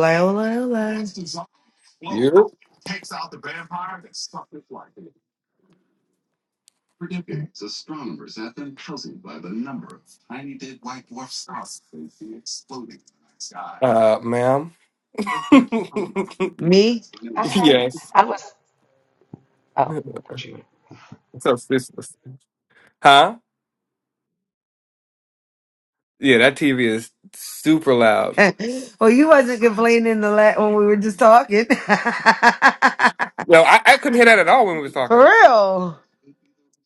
Hola, hola. hola. You? Uh, ma'am. Me? I had, yes. I was, oh, It's our sisters. Huh? Yeah, that TV is super loud. well, you wasn't complaining the la- when we were just talking. No, I, I couldn't hear that at all when we was For talking. real?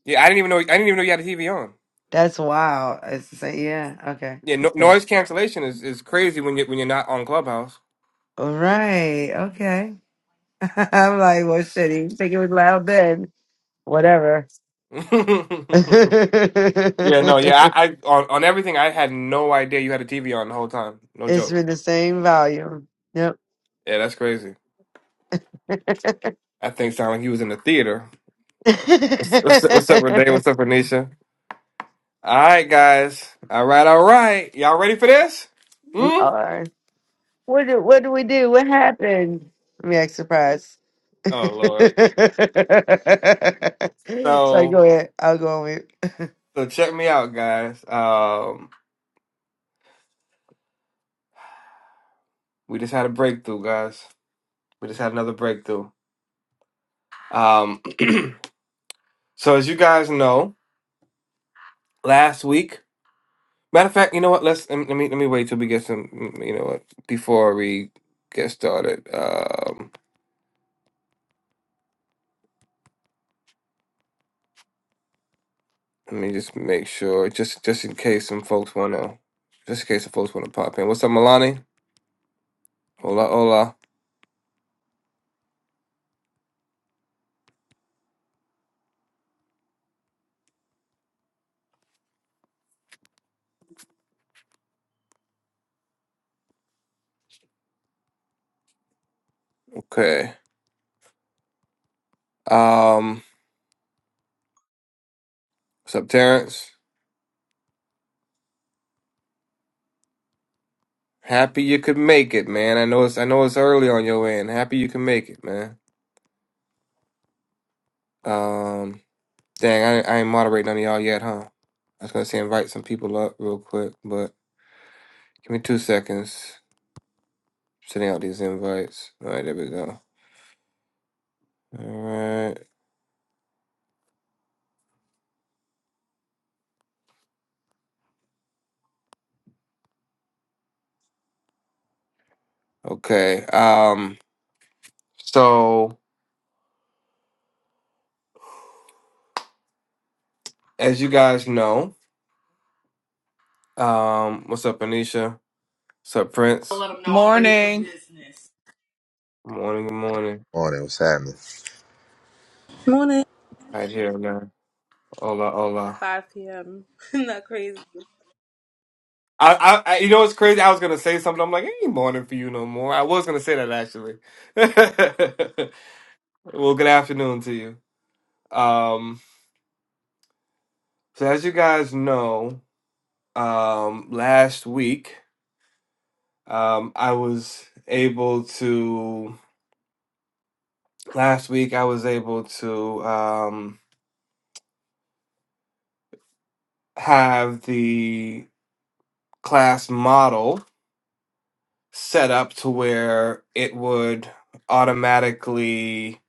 Yeah, I didn't even know. I didn't even know you had a TV on. That's wild. It's the same. Yeah. Okay. Yeah, no, It's there. noise cancellation is, is crazy when you when you're not on Clubhouse. All right. Okay. I'm like, well, shit. You think it was loud then? Whatever. it's yeah, no, yeah, I, I on on everything. I had no idea you had a TV on the whole time. No joke. been the same volume. Yep. Yeah, that's crazy. I think sounded like he was in the theater. What's, what's, up- what's up, Renee? What's up, Renisha? All right, guys. All right, all right. Y'all ready for this? we Hmm? are. What do what do we do? What happened? I'm yeah, surprised. so Oh Lord. So go ahead. I'll go on mute. so check me out, guys. Um we just had a breakthrough, guys. We just had another breakthrough. Um so as you guys know, last week matter of fact, you know what? Let's let me let me wait till we get some you know what before we get started. Um let me just make sure just just in case some folks wanna just in case some folks wanna pop in. What's up, Milani? Hola, hola. Okay. Um, what's up, Terrence? Happy you could make it, man. I know it's I know it's early on your end. Happy you can make it, man. Um, dang, I I ain't moderate none of y'all yet, huh? I was gonna say invite some people up real quick, but give me two seconds. Sending out these invites. All right, there we go. All right. Okay. Um, so as you guys know, um, what's up, Anisha? What's up, Prince? Good morning, good morning. Morning, what's happening? Morning. Right here now. Hola, hola. 5 p.m. Not crazy. I, I, I- you know what's crazy? I was gonna say something. I'm like, it ain't morning for you no more. I was gonna say that actually. well, good afternoon to you. Um, so as you guys know, um, last week, um, I was able to. Last week, I was able to um, have the class model set up to where it would automatically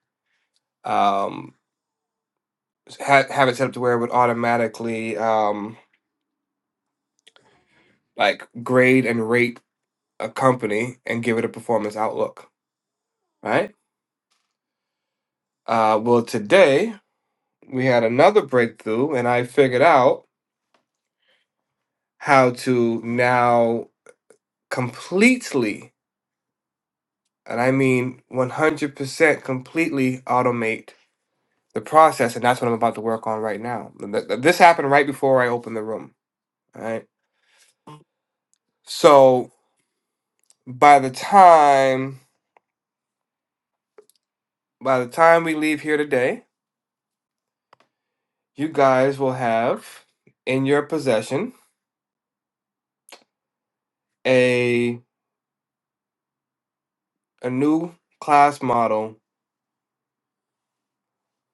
Um, ha- have it set up to where it would automatically um, like grade and rate a company and give it a performance outlook, right? Uh, well, today we had another breakthrough, and I figured out how to now completely, and I mean 100% completely automate the process, and that's what I'm about to work on right now. Th- th- This happened right before I opened the room, all right? So by the time by the time we leave here today, you guys will have in your possession a a new class model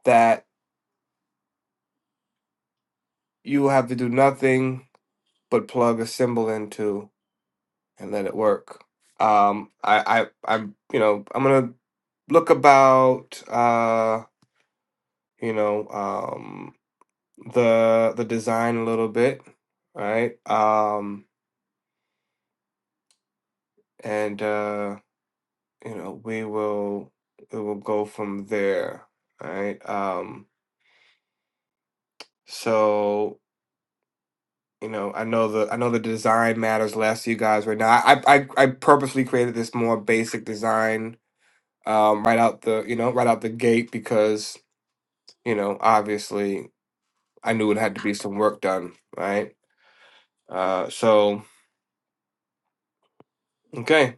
that you will have to do nothing but plug a symbol into and let it work. Um, I, I I'm you know I'm gonna look about uh you know um the the design a little bit right um and uh you know we will we will go from there right Um. So, you know, I know the I know the design matters less to you guys right now. I I I purposely created this more basic design um right out the, you know, right out the gate because, you know, obviously I knew it had to be some work done, right? Uh so okay,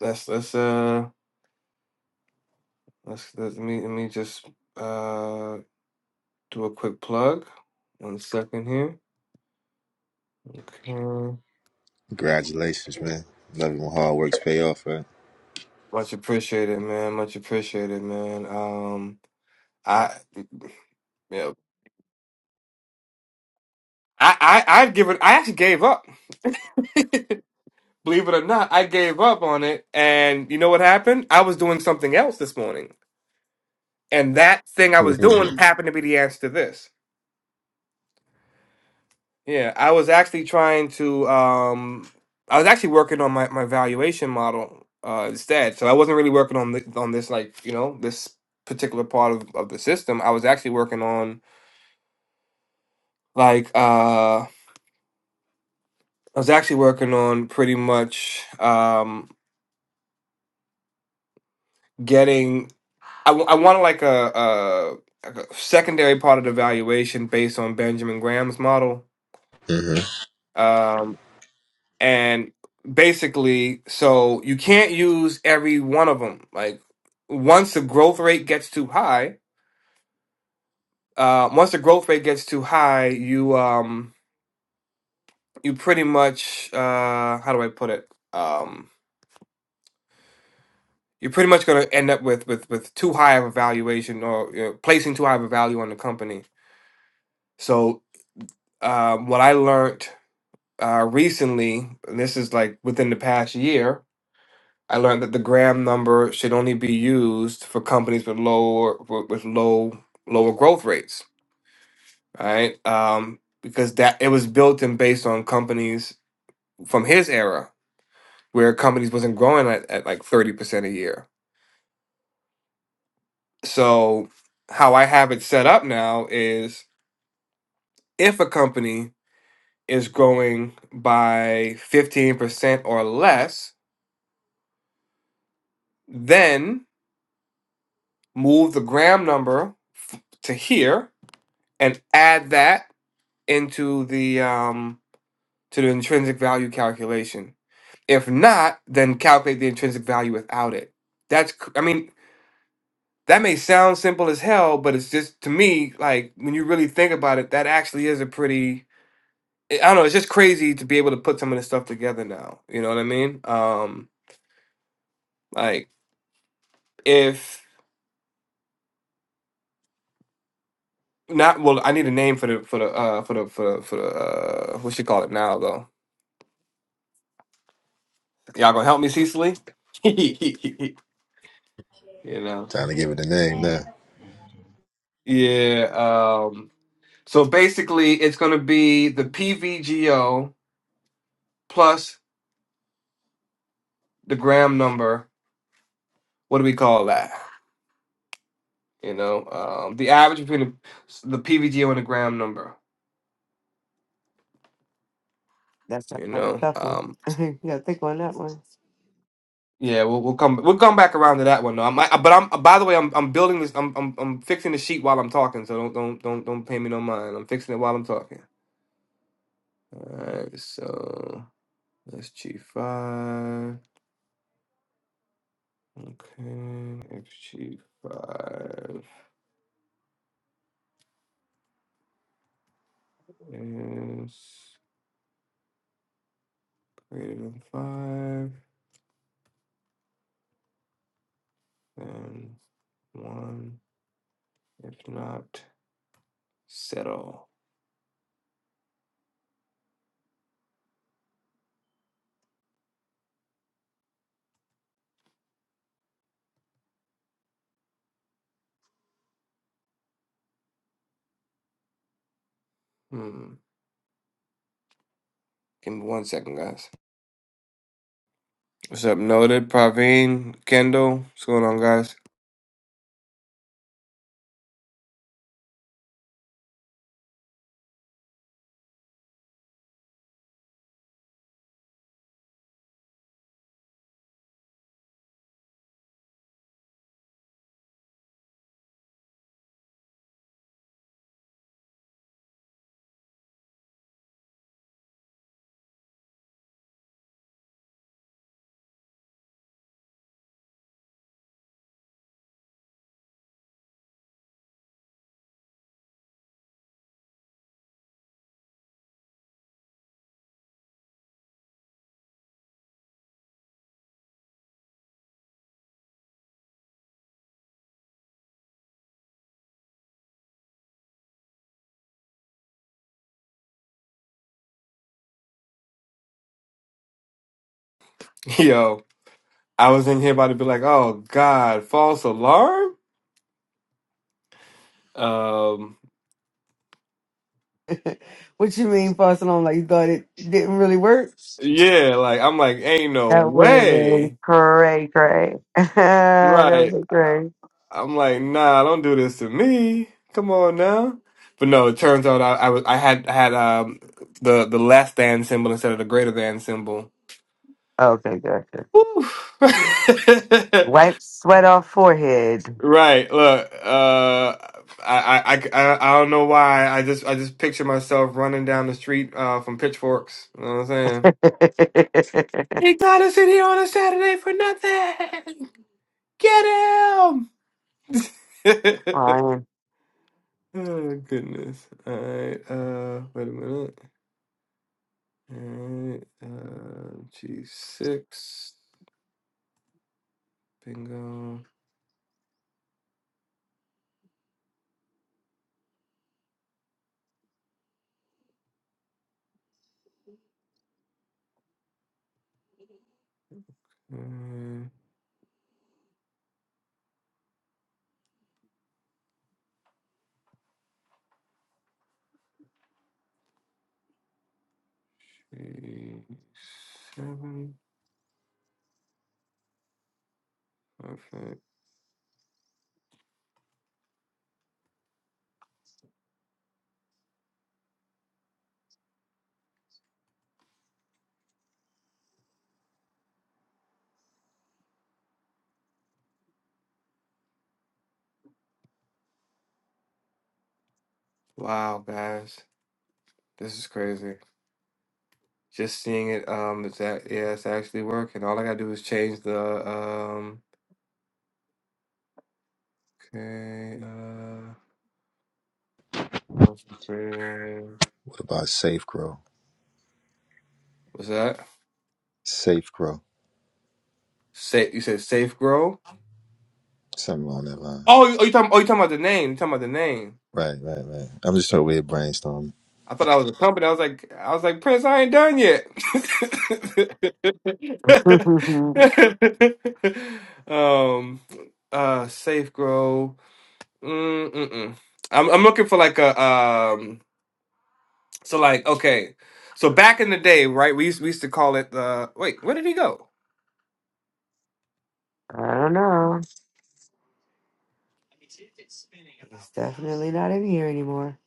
let's let's uh let's let me let me just uh do a quick plug. One second here. Okay. Congratulations, man. Love it when hard works pay off, right? Much appreciated, man. Much appreciated, man. Um I yeah. I, I I've given I actually gave up. Believe it or not, I gave up on it. And you know what happened? I was doing something else this morning. And that thing I was doing hmm happened to be the answer to this. Yeah. I was actually trying to um I was actually working on my, my valuation model uh instead. So I wasn't really working on the, on this like, you know, this particular part of, of the system. I was actually working on like uh I was actually working on pretty much um getting I, w- I want like a, a, like a secondary part of the valuation based on Benjamin Graham's model. Um, and basically, so you can't use every one of them. Like once the growth rate gets too high, uh, once the growth rate gets too high, you um, you pretty much uh, how do I put it? Um, you're pretty much going to end up with, with with too high of a valuation or you know, placing too high of a value on the company. So um, what I learned uh, recently, and this is like within the past year, I learned that the Graham number should only be used for companies with lower with with low lower growth rates, right? Um, because that it was built and based on companies from his era where companies wasn't growing at, at like thirty percent a year. So how I have it set up now is if a company is growing by fifteen percent or less, then move the Graham number to here and add that into the um to the intrinsic value calculation. If not, then calculate the intrinsic value without it. That's c- I mean that may sound simple as hell, but it's just to me like when you really think about it, that actually is a pretty I don't know. It's just crazy to be able to put some of this stuff together now. You know what I mean? Um, like if not, well, I need a name for the for the uh, for the for the, for the uh, what you call it now though. Y'all gonna help me, Cecily? You know. Time to give it a name now. Yeah. Um, so basically, it's going to be the PVGO plus the gram number. What do we call that? You know, um, the average between the, the PVGO and the gram number. That's not You kind of know. tough one. Um, you gotta think on that one. yeah, we'll, we'll come we'll come back around to that one though. I'm, I, but I'm by the way, I'm I'm building this. I'm, I'm I'm fixing the sheet while I'm talking. So don't don't don't don't pay me no mind. I'm fixing it while I'm talking. All right. So that's G five. Okay, XG5 is greater than 5, then 1. If not, settle. Hmm. Give me one second, guys. What's up, Noted? Praveen? Kendall? What's going on, guys? Yo, I was in here about to be like, oh, God, false alarm? Um, what you mean passing on like you thought it didn't really work? yeah, like, I'm like, ain't no That would have been way. cray cray. that was a Right. cray. great. I'm like, nah, don't do this to me. Come on now. But no, it turns out I, I was I had I had um the the less than symbol instead of the greater than symbol. Okay, gotcha. Whew. Wipe sweat off forehead. right. Look, uh, I, I I I don't know why. I just I just picture myself running down the street uh from pitchforks. You know what I'm saying? He got us in here on a Saturday for nothing. Get him. Fine. oh goodness. All right. Uh, wait a minute. All right, uh, G6, bingo. Uh, G7, perfect. Wow, guys, this is crazy. Just seeing it, um, it's that, yeah, it's actually working. All I gotta do is change the, um, okay, uh, what's the- What about Safe Grow? what's that? Safe Grow. Safe, you said safe grow? Something along that lines. Oh, you, oh, you talking, oh, you talking about the name? You talking about the name? Right, right, right. I'm just over here brainstorming. I thought I was a company. I was like, I was like, Prince, I ain't done yet. um, uh, Safe Grow. Mm, mm-mm. I'm I'm looking for like a um. So like okay, so back in the day, right? We used, we used to call it the. wait. Where did he go? I don't know. Definitely not in here anymore.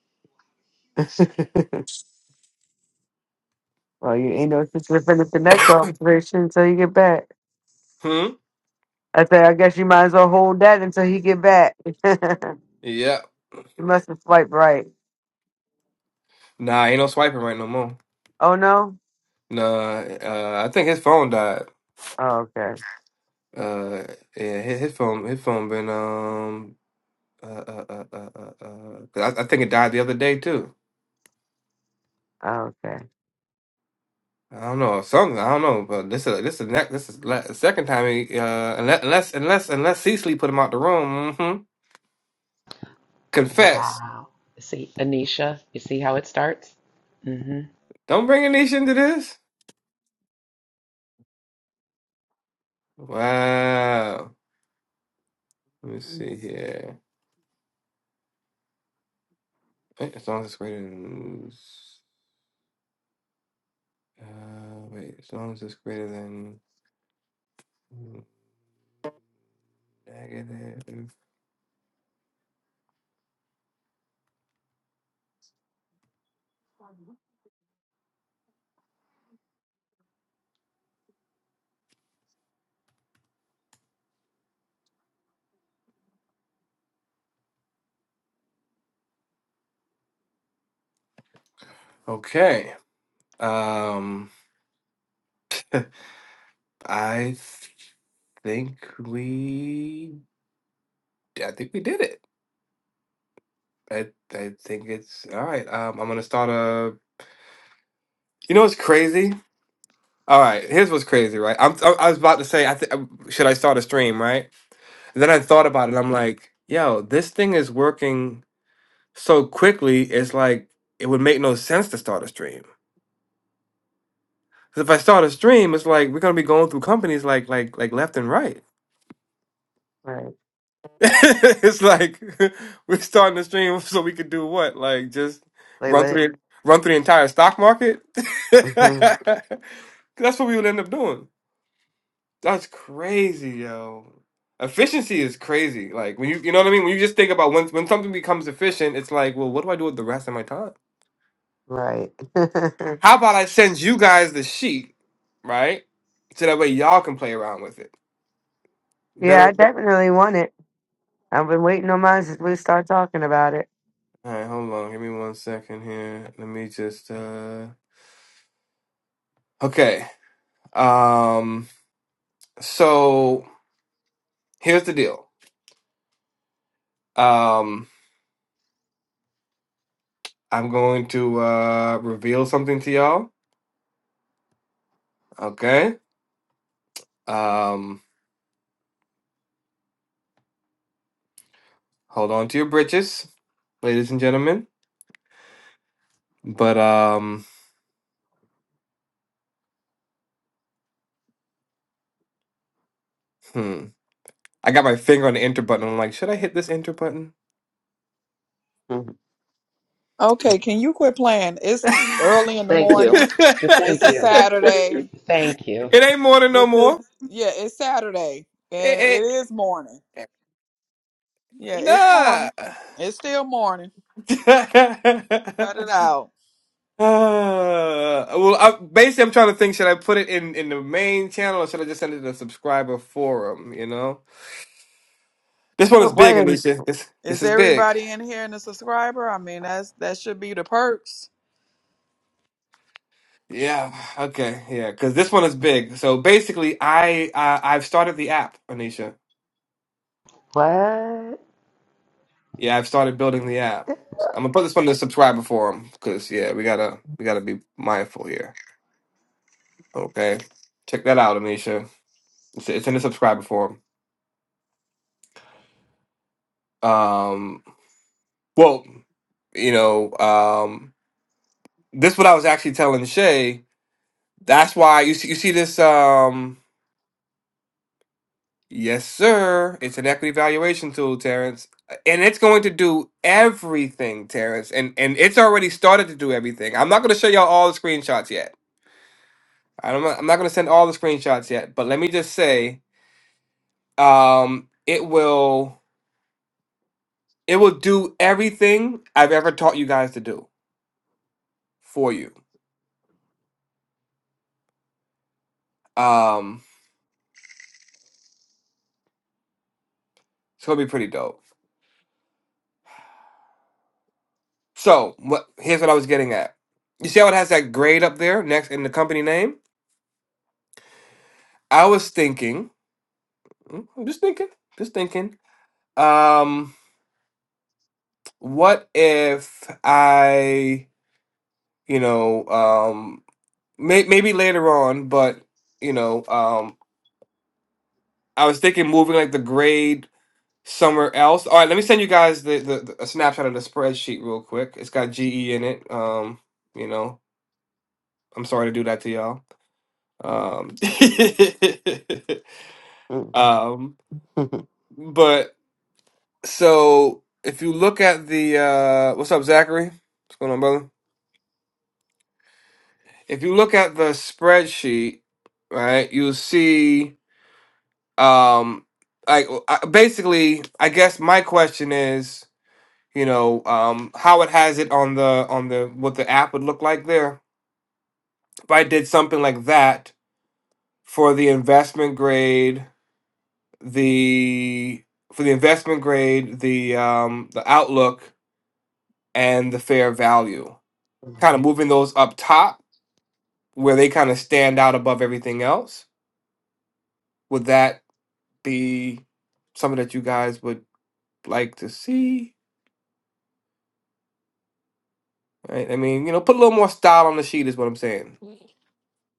Well, you ain't no sense in finish the next observation until you get back. Hmm. I say, I guess you might as well hold that until he get back. you Yeah. must have swiped right. Nah, ain't no swiping right no more. Oh no. Nah. Uh, I think his phone died. Oh, okay. Uh, yeah, his, his phone his phone been um Uh, uh, uh, uh, uh, uh, 'cause I, I think it died the other day too. Oh, okay. I don't know something. I don't know, but this is this is next. This is la- the second time. He, uh, unless unless unless unless Cecily put him out the room. hmm Confess. wow. See, Anisha, you see how it starts? Mm-hmm. Don't bring Anisha into this. Wow. Let me see here. Wait, as long as it's greater than. Uh, wait. As long as it's greater than negative. Okay. Um. I think we. I think we did it. I I think it's all right. Um, I'm gonna start a. You know what's crazy? All right, here's what's crazy, right? I'm I, I was about to say I th- should I start a stream, right? And then I thought about it. I'm like, yo, this thing is working so quickly. It's like it would make no sense to start a stream. Because if I start a stream, it's like we're gonna be going through companies like like like left and right. Right. it's like we're starting the stream so we could do what? Like just Play run with it. through the, run through the entire stock market. Mhm. That's what we would end up doing. That's crazy, yo. Efficiency is crazy. Like when you you know what I mean. When you just think about when when something becomes efficient, it's like, well, what do I do with the rest of my time? right. How about I send you guys the sheet, right? So that way y'all can play around with it. yeah, Better. I better. definitely want it. I've been waiting on mine since we start talking about it. All right, hold on. Give me one second here. Let me just. uh Okay. Um, so here's the deal. Um, I'm going to uh, reveal something to y'all. Okay. Um, hold on to your britches, ladies and gentlemen. But um, hmm. I got my finger on the enter button. I'm like, should I hit this enter button? Mhm. Okay, can you quit playing? It's early in the Thank you. morning. The It's thank a you. it Saturday Thank you. ain't more than no with this. more. Yeah, it's Saturday and it It is morning. ain't Yeah, it's nah. morning. It's still morning. Cut it out. Uh, well, I, basically, I'm trying to think: should I put it in in the main channel, or should I just send it to the subscriber forum? You know, this one But is why big, didn't? Anisha. This this Is is big. everybody in here and a subscriber? I mean, that's that should be the perks. Yeah. Okay. Yeah, because this one is big. So basically, I uh, I've started the app, Anisha. What? Yeah, I've started building the app. I'm gonna put this one in the subscriber forum because yeah, we gotta we gotta be mindful here. Okay, check that out, Anisha. It's, it's in the subscriber forum. Um, well, you know, um. This what I was actually telling Shay. That's why you see you see this um yes sir, it's an equity valuation tool, Terrence. And it's going to do everything, Terrence. And and it's already started to do everything. I'm not gonna show y'all all the screenshots yet. i do not, I'm not gonna send all the screenshots yet, but let me just say, um, it will it will do everything I've ever taught you guys to do for you. Um, it's gonna be pretty dope. So what, here's what I was getting at. You see how it has that grade up there next in the company name? I was thinking, mm, I'm just thinking, just thinking. Um, what if I, you know, um, may, maybe later on, but you know, um, I was thinking moving like the grade somewhere else. All right, let me send you guys the, the, the a snapshot of the spreadsheet real quick. It's got GE in it. Um, you know, I'm sorry to do that to y'all. Um, Mm. Um, but so if you look at the uh, what's up, Zachary? What's going on, brother? If you look at the spreadsheet, right, you'll see. Um, like I, basically, I guess my question is, you know, um, how it has it on the on the what the app would look like there. If I did something like that for the investment grade, the for the investment grade, the um, the outlook, and the fair value kind of moving those up top where they kind of stand out above everything else. Would that be something that you guys would like to see? Right? I mean, you know, put a little more style on the sheet is what I'm saying.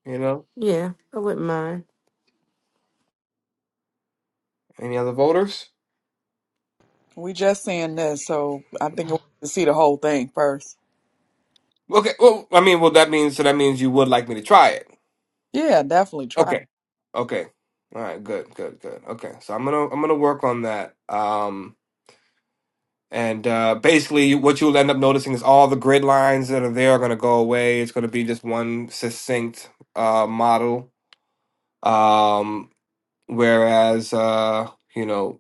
You know, yeah, I wouldn't mind. any other voters? We just seeing this, so I think we need to see the whole thing first. Okay. Well, I mean, well, that means so that means you would like me to try it. Yeah, definitely try. Okay. Okay. All right. Good. Good. Good. Okay. So I'm gonna I'm gonna work on that. Um, And uh, basically, what you'll end up noticing is all the grid lines that are there are going to go away. It's going to be just one succinct uh, model. Um, whereas, uh, you know,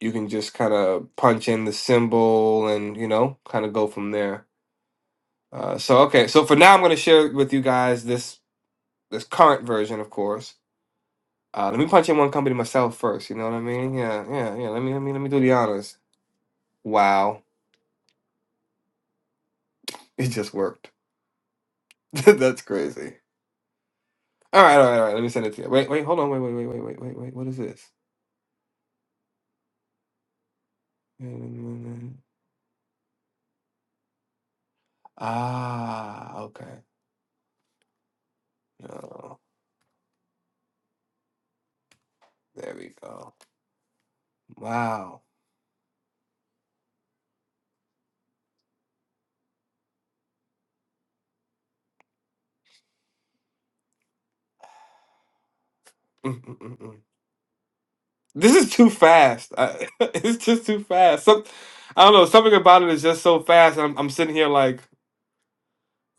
you can just kind of punch in the symbol and, you know, kind of go from there. Uh, so, okay. So for now, I'm going to share with you guys this this current version, of course. Uh, let me punch in one company myself first. You know what I mean? Yeah, yeah, yeah. Let me, let me, let me do the honors. Wow, it just worked. That's crazy. All right, all right, all right. Let me send it to you. Wait, wait, hold on. Wait, wait, wait, wait, wait, wait, wait. What is this? Ah, okay. No, there we go. Wow. Mm, mm, mm, mm. This is too fast. I, it's just too fast. Some, I don't know. Something about it is just so fast. And I'm, I'm sitting here like,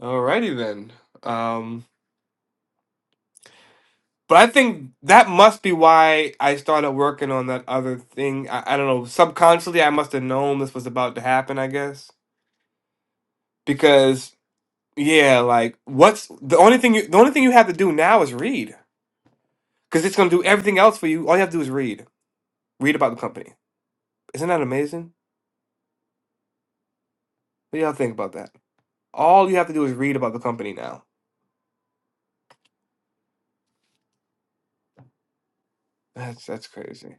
alrighty then. Um, but I think that must be why I started working on that other thing. I, I don't know. Subconsciously, I must have known this was about to happen. I guess because Yeah, like what's the only thing you the only thing you have to do now is read because it's gonna do everything else for you. All you have to do is read, read about the company. Isn't that amazing? What do y'all think about that? All you have to do is read about the company now. That's that's crazy.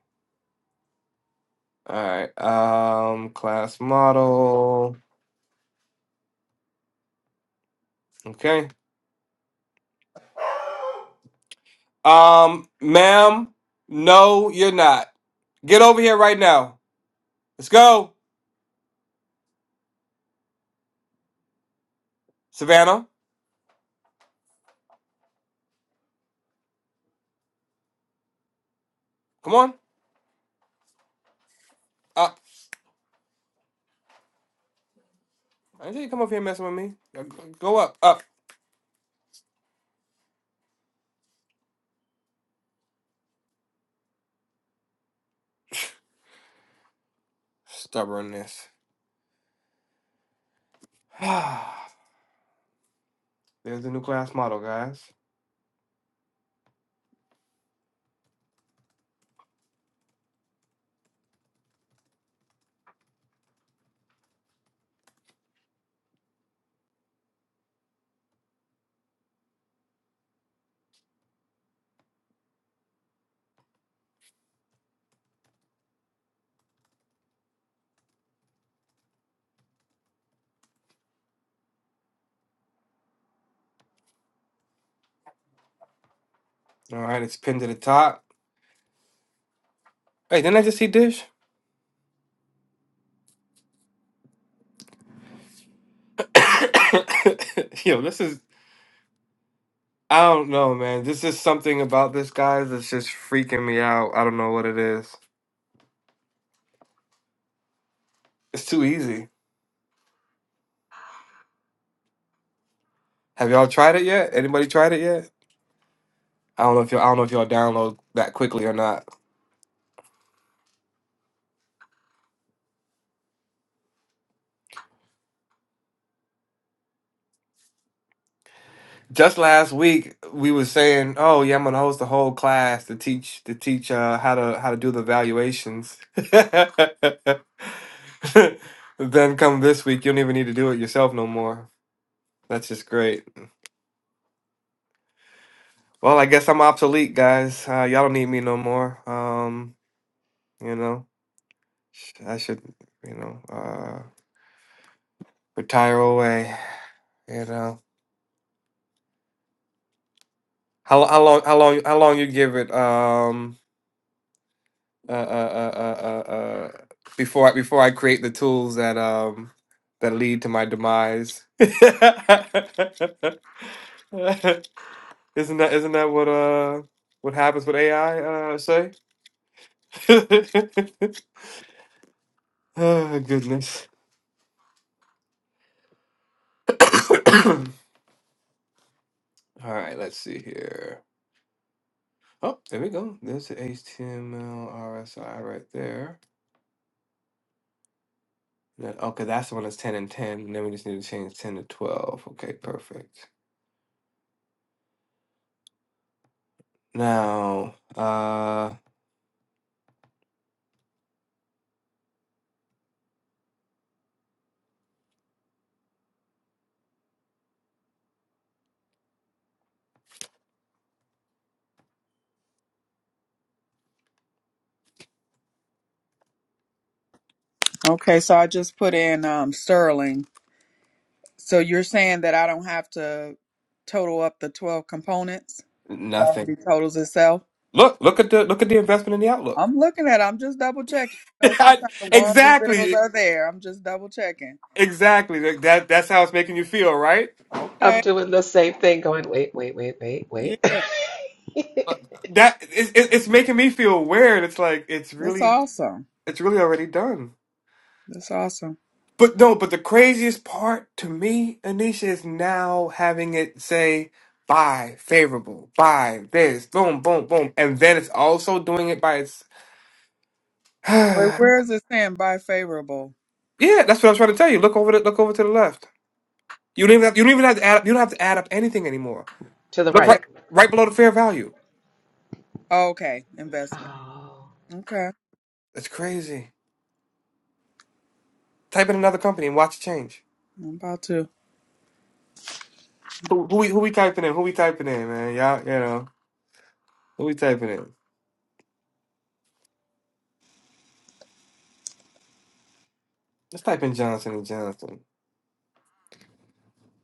All right, um, class model. Okay, um, ma'am, no, you're not. Get over here right now. Let's go, Savannah. Come on up. I didn't tell you to come over here messing with me. Go go up, up. Stubbornness. There's the new class model, guys. All right, it's pinned to the top. Hey, didn't I just see Dish? Yo, this is. I don't know, man. This is something about this, guys, that's just freaking me out. I don't know what it is. It's too easy. Have y'all tried it yet? Anybody tried it yet? I don't know if y'all. I don't know if y'all download that quickly or not. just last week we were saying, "Oh yeah, I'm gonna host a whole class to teach to teach uh, how to how to do the valuations." then come this week, you don't even need to do it yourself no more. That's just great. Well, I guess I'm obsolete, guys. Uh, y'all don't need me no more. Um, you know, sh- I should, you know, uh, retire away. You know, how how long how long how long you give it? Um. uh, uh, uh, uh, uh, uh, before I, before I create the tools that um that lead to my demise. isn't that isn't that what uh what happens with AI? Uh, say. oh goodness. All right, let's see here. Oh, there we go. There's the HTML RSI right there. That- Okay, that's the one that's 10 and 10. And then we just need to change 10 to 12. Okay, perfect. Now, uh, Okay, so I just put in um, Sterling. So you're saying that I don't have to total up the twelve components? It already Nothing. totals itself. Look, look at the look at the investment in the outlook. I'm looking at it. I'm just double checking. You know, I- sometimes the ones and zeros exactly, are there. I'm just double checking. exactly. That that's how it's making you feel, right? I'm Okay. doing the same thing going, wait, wait, wait, wait, wait. Yeah. That it's it's it's making me feel weird. It's like it's That's really awesome. it's really already done. That's awesome. But no, but the craziest part to me, Anisha, is now having it say buy favorable, buy this, boom, boom, boom, and then it's also doing it by its. Wait, yeah, where is it saying buy favorable? that's what I was trying to tell you. Look over the look over to the left. You don't even have, you don't even have to add up, you don't have to add up anything anymore. To the Look Yeah. right right. right below the fair value. okay. Investment. Oh. Okay. That's crazy. Type in another company and watch it change. I'm about to. Who who we who we typing in? Who we typing in, man? Y'all, you know. Who we typing in? Let's type in Johnson and Johnson.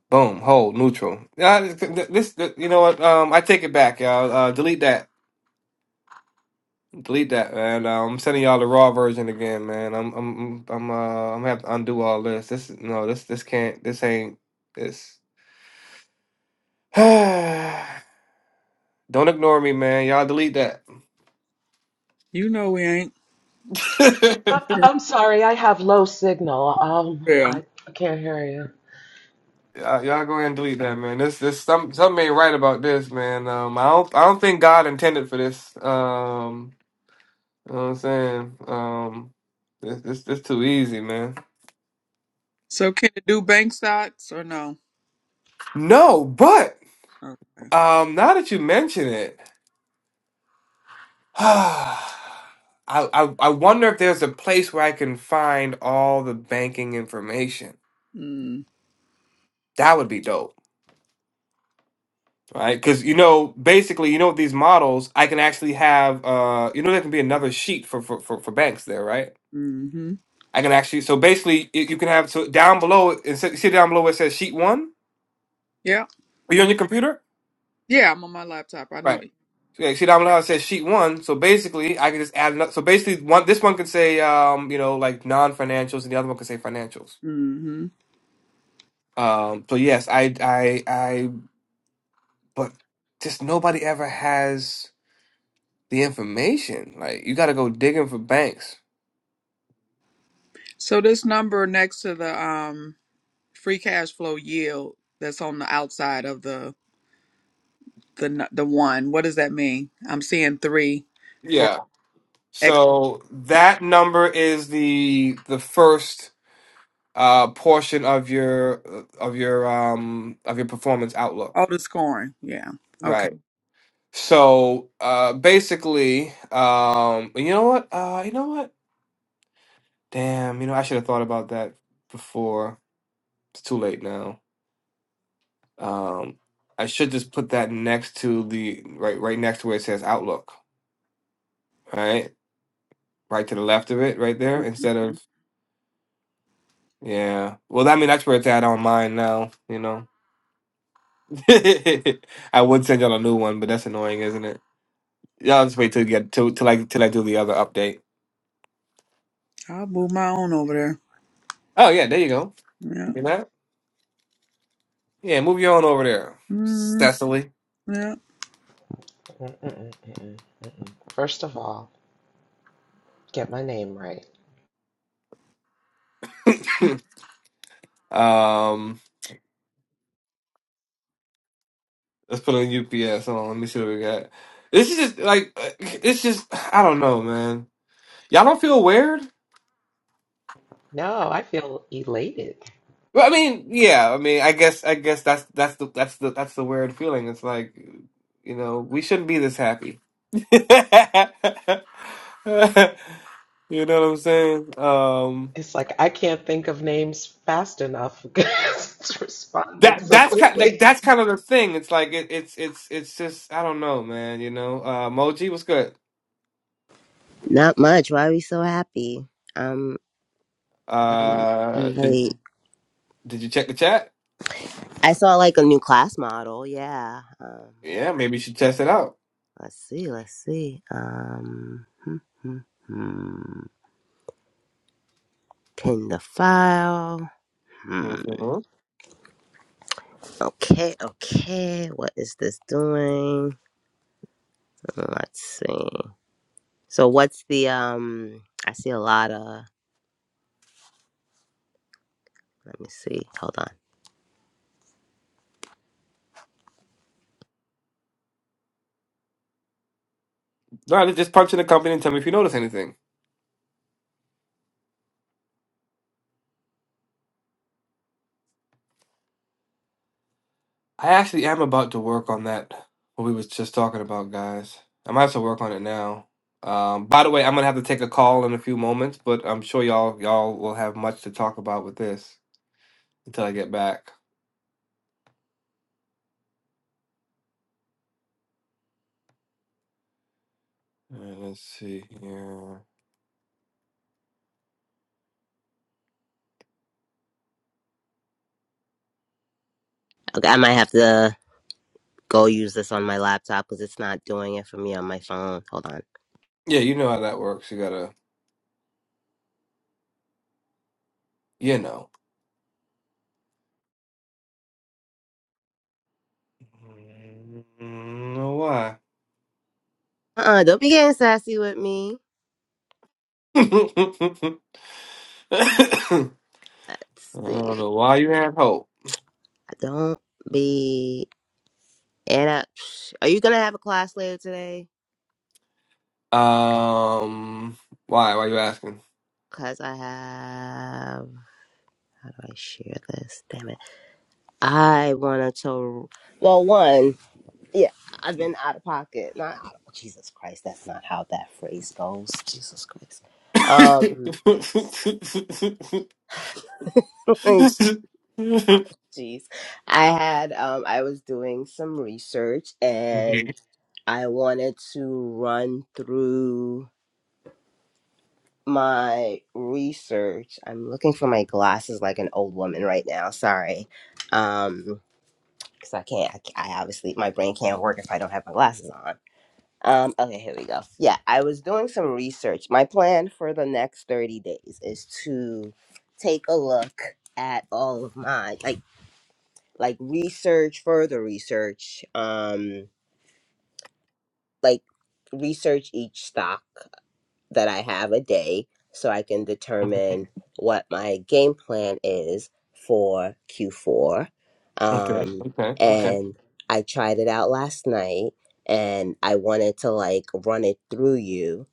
Boom, hold, neutral. Nah, This, this you know what? Um I take it back, y'all. Uh delete that. Delete that, man. Uh, I'm sending y'all the raw version again, man. I'm I'm I'm uh I'm gonna have to undo all this. This no, this this can't this ain't this. Don't ignore me, man. Y'all delete that. You know we ain't. I, I'm sorry, I have low signal. Um, yeah. I can't hear you. Y'all, y'all go ahead and delete that, man. This, this, some, something ain't right about this, man. Um, I don't, I don't think God intended for this. Um, you know what I'm saying? Um, this, this, this too easy, man. So can it do bank stocks or no? No, but Okay. um, now that you mention it, I, I, I wonder if there's a place where I can find all the banking information. Mm. That would be dope. Right, because you know, basically, you know, with these models, I can actually have, uh, you know, there can be another sheet for for for, for banks there, right? Mm-hmm. I can actually, so basically, you you can have, so down below, and see see down below where it says sheet one? Yeah. Are you Oh on yeah. your computer? Yeah, I'm on my laptop. I know. Right. Okay, see down below it says sheet one. So basically, I can just add another. So basically, one this one could say, um, you know, like non financials, and the other one could say financials. Mm-hmm. Um, so yes, I, I, I, but just nobody ever has the information. Like, you got to go digging for banks. So this number next to the um Free cash flow yield that's on the outside of the the n- the one. What does that mean? I'm seeing three for Yeah. X. So that number is the the first. uh portion of your of your um of your performance Oh, outlook the scoring. Yeah. Okay. right so uh basically um you know what uh you know what damn you know i should have thought about that before it's too late now um i should just put that next to the right right next to where it says outlook right right to the left of it right there instead Mhm. of yeah well i mean that's where it's at on mine now you know i would send y'all a new one but that's annoying isn't it Yeah, I'll just wait till you get till till I till I do the other update. I'll move my own over there. Oh yeah, there you go. Yeah. You know? Yeah, move you on over there, mm Cecily. Yeah. Mm-mm, mm-mm, mm-mm. First of all, get my name right. Mm. um, let's put on UPS. Hold on, let me see what we got. This is just like uh, it's just I don't know, man. Y'all don't feel weird? No, I feel elated. Well, I mean, yeah. I mean, I guess I guess that's that's the that's the that's the weird feeling. It's like you know we shouldn't be this happy. you know what I'm saying? Um. It's like I can't think of names fast enough because it's responding that so that's kind like quickly. that's kind of the thing. It's like it, it's it's it's just I don't know, man. You know, uh, Moji, what's good? Not much. Why are we so happy? Um, I'm Uh, I'm did late. did you check the chat? I saw like a new class model. Yeah. Um, let's Yeah, maybe you should test it out. let's see. Let's see. Um, hmm, hmm, hmm. pin the file. Hmm. Mhm. Okay. Okay. What is this doing? Let's see. So what's the um? I see a lot of. Let me see. Hold on. No, just punch in the company and tell me if you notice anything. I actually am about to work on that. What we was just talking about, guys. I might have to work on it now. Um, by the way, I'm gonna have to take a call in a few moments, but I'm sure y'all y'all will have much to talk about with this until I get back. All right, let's see here. Okay. I might have to go use this on my laptop because it's not doing it for me on my phone. Hold on. Yeah, you know how that works. You gotta, you know. I know why. Uh-uh, don't be getting sassy with me. I Let's see. don't know why you have hope. Don't be. And I, are you gonna have a class later today? Um, why? Why you asking? Cause I have. How do I share this? Damn it! I wanted to. Well, one, yeah, I've been out of pocket. Not out of, Jesus Christ. That's not how that phrase goes. Jesus Christ. Um, Mhm. Oh, jeez. I had um I was doing some research and okay, I wanted to run through my research. I'm looking for my glasses like an old woman right now. Sorry. Um cuz I can't I, I obviously my brain can't work if I don't have my glasses on. Um okay, here we go. Yeah, I was doing some research. My plan for the next 30 days is to take a look at all of my like. like research further research um like research each stock that i have a day so i can determine what my game plan is for q4 okay, um okay, and i tried it out last night and i wanted to like run it through you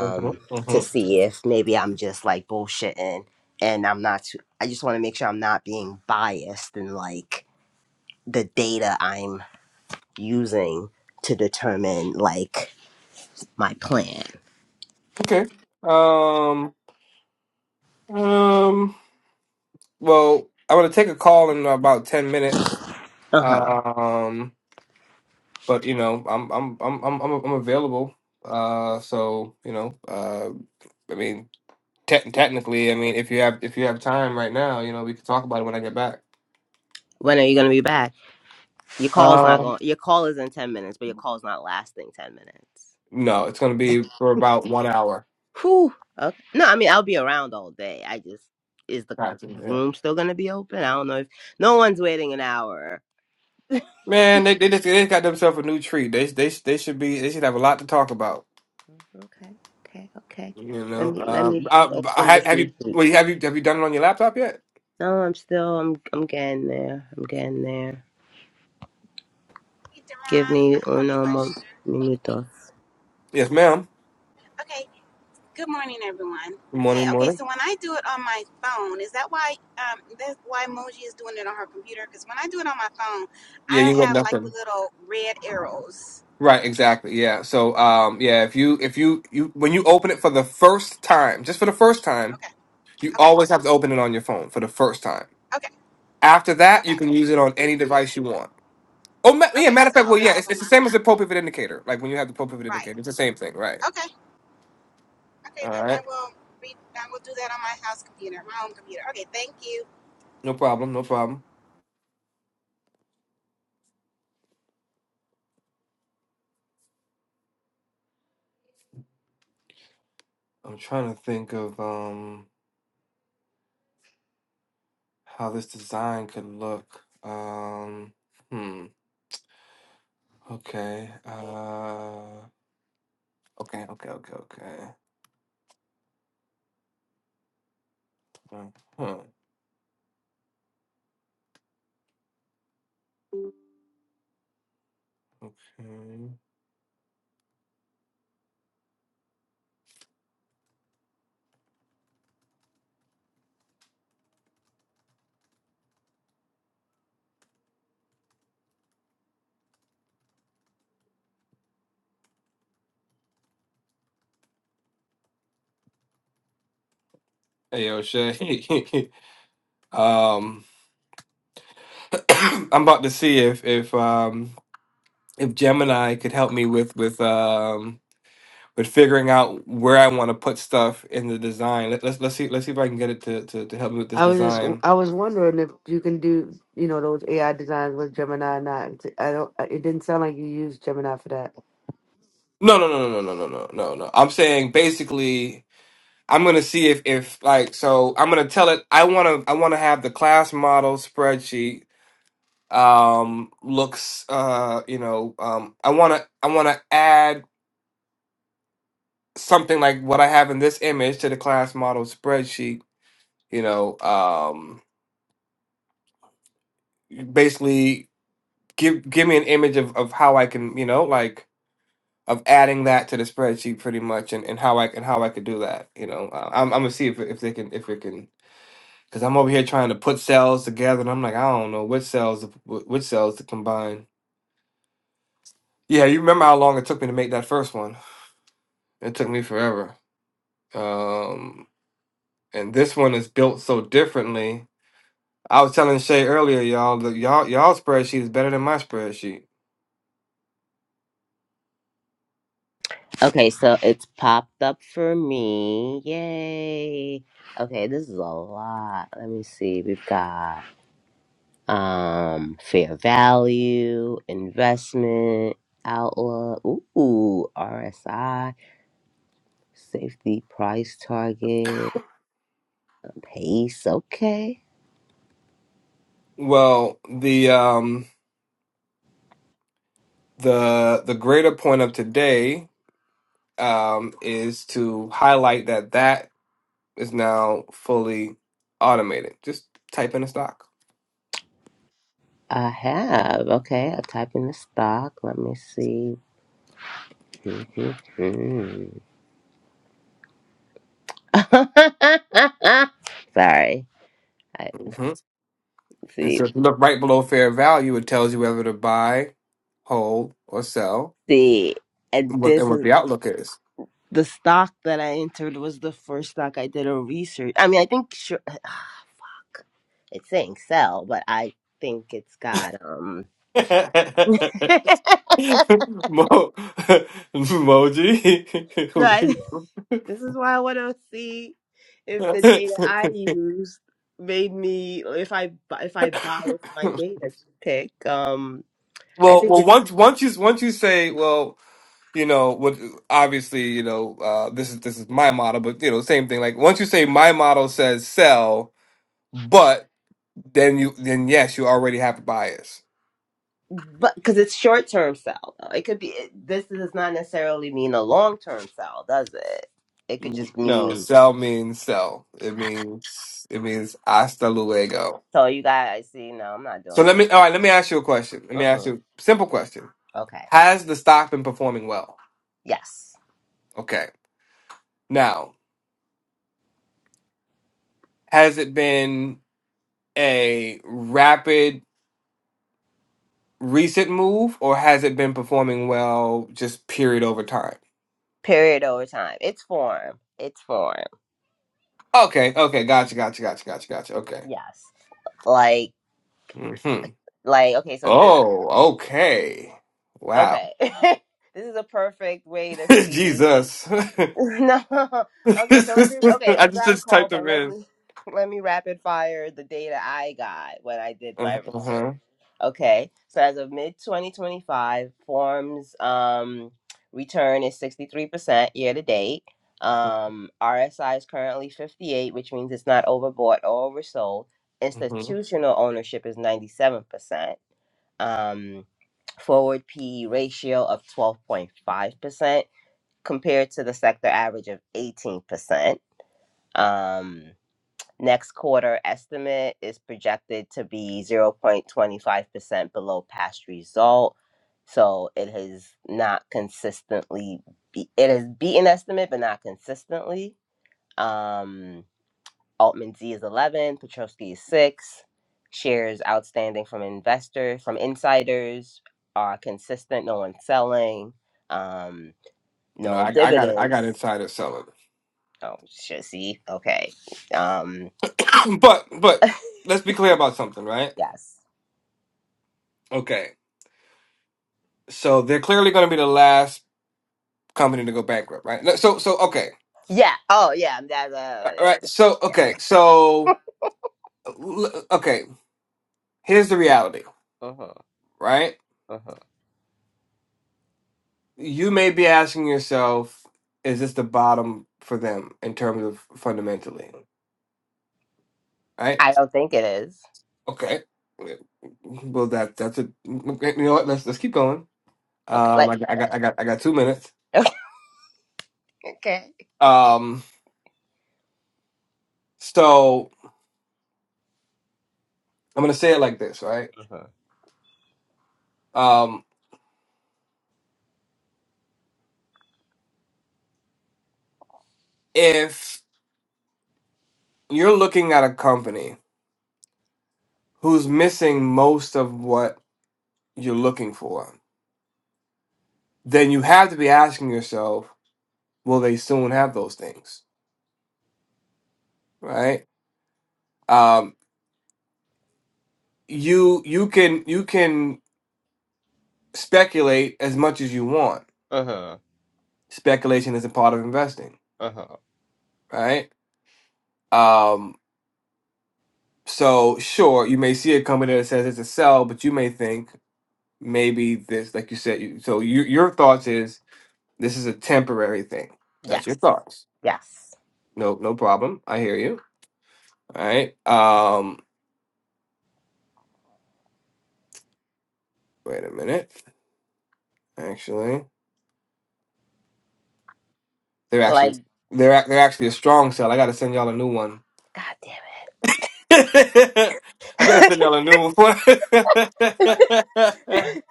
uh-huh, to uh-huh. see if maybe i'm just like bullshitting and i'm not i just want to make sure i'm not being biased and like the data I'm using to determine like my plan. okay. Um, um. Well, I'm gonna take a call in about ten minutes. Uh huh. Um. but you know, I'm I'm I'm I'm I'm, I'm available. Uh, so you know, uh, I mean, te- technically, I mean, if you have if you have time right now, you know, we can talk about it when I get back. When are you gonna be back? Your call's not Uh, going. Your call is in ten minutes, but your call's not lasting ten minutes. no, it's gonna be for about one hour. Whew. Okay. No, I mean I'll be around all day. I just is the Gotcha. Yeah. room still gonna be open? I don't know if no one's waiting an hour. Man, they they just they just got themselves a new treat. They they they should be they should have a lot to talk about. Okay. Okay. Okay. You Let know. me let Uh, me I, open have this have new you tweet. well, have you have you done it on your laptop yet? No, I'm still I'm I'm getting there. I'm getting there. Hey, Give Daron, I me have a uno mo- question. minuto. Yes, ma'am. Okay, good morning, everyone. Good Hey, morning. Good okay, morning. so when I do it on my phone, is that why um, that's why Moji is doing it on her computer? Because when I do it on my phone, Yeah, I you got have like the nothing. little red arrows. Right, exactly. Yeah. So, um, yeah, if you if you you when you open it for the first time, just for the first time, Okay, you okay, always have to open it on your phone for the first time. okay, After that, you okay, can use it on on the any computer. device you want. Oh, ma- yeah. Okay, Matter of so fact, I well, open yeah, up it's, on it's the my same as the pro pivot indicator. Like when you have the pro pivot right. indicator, it's the same thing, right? Okay, okay, All then right. I will read. I will do that on my house computer, my home computer. Okay, thank you. No problem. No problem. I'm trying to think of um how this design could look. Um. Hmm. Okay. Uh. Okay. Okay. Okay. Okay. Uh, Huh. Hey O'Shay. um I'm about to see if if um if Gemini could help me with with um with figuring out where I want to put stuff in the design. Let, let's let's see let's see if I can get it to, to to help me with this I was just design. I was wondering if you can do you know those AI designs with Gemini or not. I don't. It didn't sound like you used Gemini for that. No no no no no no no no no no. I'm saying basically I'm gonna see if if like so I'm gonna tell it I wanna I wanna have the class model spreadsheet um looks uh you know um I wanna I wanna add something like what I have in this image to the class model spreadsheet, you know, um, basically give give me an image of, of how I can, you know, like of adding that to the spreadsheet pretty much and, and how I and how I could do that. You know, uh, I'm, I'm gonna see if, if they can if it can because I'm over here trying to put cells together and I'm like, I don't know which cells to- wh- which cells to combine. Yeah, you remember how long it took me to make that first one? It took me forever. Um, and this one is built so differently I was telling Shay earlier, y'all, that y'all y'all spreadsheet is better than my spreadsheet. Okay, so it's popped up for me. Yay. Okay, this is a lot. Let me see. We've got um fair value, investment, outlook, ooh, RSI, safety price target, pace. Okay. Well, the um the the greater point of today um is to highlight that that is now fully automated. Just type in a stock. I have. Okay, I type in the stock. Let me see. Sorry. I hmm And see. so if you look right below fair value, it tells you whether to buy, hold, or sell, see. And and what, this and what is the outlook is. the stock that I entered was the first stock I did a research. I mean, I think sure, it's saying sell, but I think it's got um. Mo- no, I- Moji. this is why I want to see if well, the data I used made me if I bu- if I bias my data to pick um. I think well, it's once once you once you say, well, you know, what obviously, you know, uh, this is this is my model, but you know, same thing. Like once you say my model says sell, but then you then yes, you already have a bias. but because it's short term sell though. It could be it, this does not necessarily mean a long term sell, does it? It could just No, mean. sell means sell. It means it means hasta luego. So you guys see, no, I'm not So doing let this. me all right. Let me ask you a question. Let me ask hmm you a simple question. Okay. Has the stock been performing well? Yes. Okay. Now, has it been? a rapid recent move or has it been performing well just period over time? Period over time. It's form. It's form. Okay, okay, gotcha, gotcha, gotcha, gotcha, gotcha. Okay. Yes. Like, hmm like, okay, so this, Oh, okay. Wow. okay. this is a perfect way to see. Jesus. I no. Okay, so let me. Okay, you just got a just call, typed but them let in. me let me rapid fire the data I got when I did my Uh huh. research. Okay, so as of mid 2025, forms um, return is 63% year to date. Um, RSI is currently 58, which means it's not overbought or oversold. hmm Institutional ownership is 97%. Um, forward PE ratio of 12.5% compared to the sector average of 18%. Um, next quarter estimate is projected to be 0.25% below past result. So it has not consistently, be- it has beaten estimate, but not consistently. Um, Altman Z is 11, Petrovsky is 6. Shares outstanding from investors, from insiders are consistent, no one's selling, um, No, no I, I got I got dividends. inside of some Oh, shit, see? Okay. Um, but but let's be clear about something, right? yes. Okay. So they're clearly going to be the last company to go bankrupt, right? So so okay. Yeah. Oh, yeah. That, uh, All yeah. right. okay. So, Yeah. okay. So, l- okay. Here's the reality, Uh-huh. right? Uh-huh. You may be asking yourself, is this the bottom for them in terms of fundamentally, right? I don't think it is. Okay. yeah, Well, that that's a okay, you know what? Let's let's keep going. Okay. Um, Like, I got I got I okay. got I got two minutes. okay. Um, so I'm gonna say it like this, right? Uh-huh. Um, if you're looking at a company who's missing most of what you're looking for, then you have to be asking yourself, will they soon have those things, right? Um, you you can you can speculate as much as you want. Uh-huh. Speculation is a part of investing, Uh-huh. right? Um, so sure, you may see a company that says it's a sell, but you may think maybe this, like you said, you, so you, your thoughts is this is a temporary thing. That's Yes. your thoughts. Yes. No, no problem. I hear you. All right. Um, wait a minute. Actually. They're actually Like, they're ac- they're actually a strong cell. I gotta send y'all a new one. god damn I gotta it. send y'all a new one.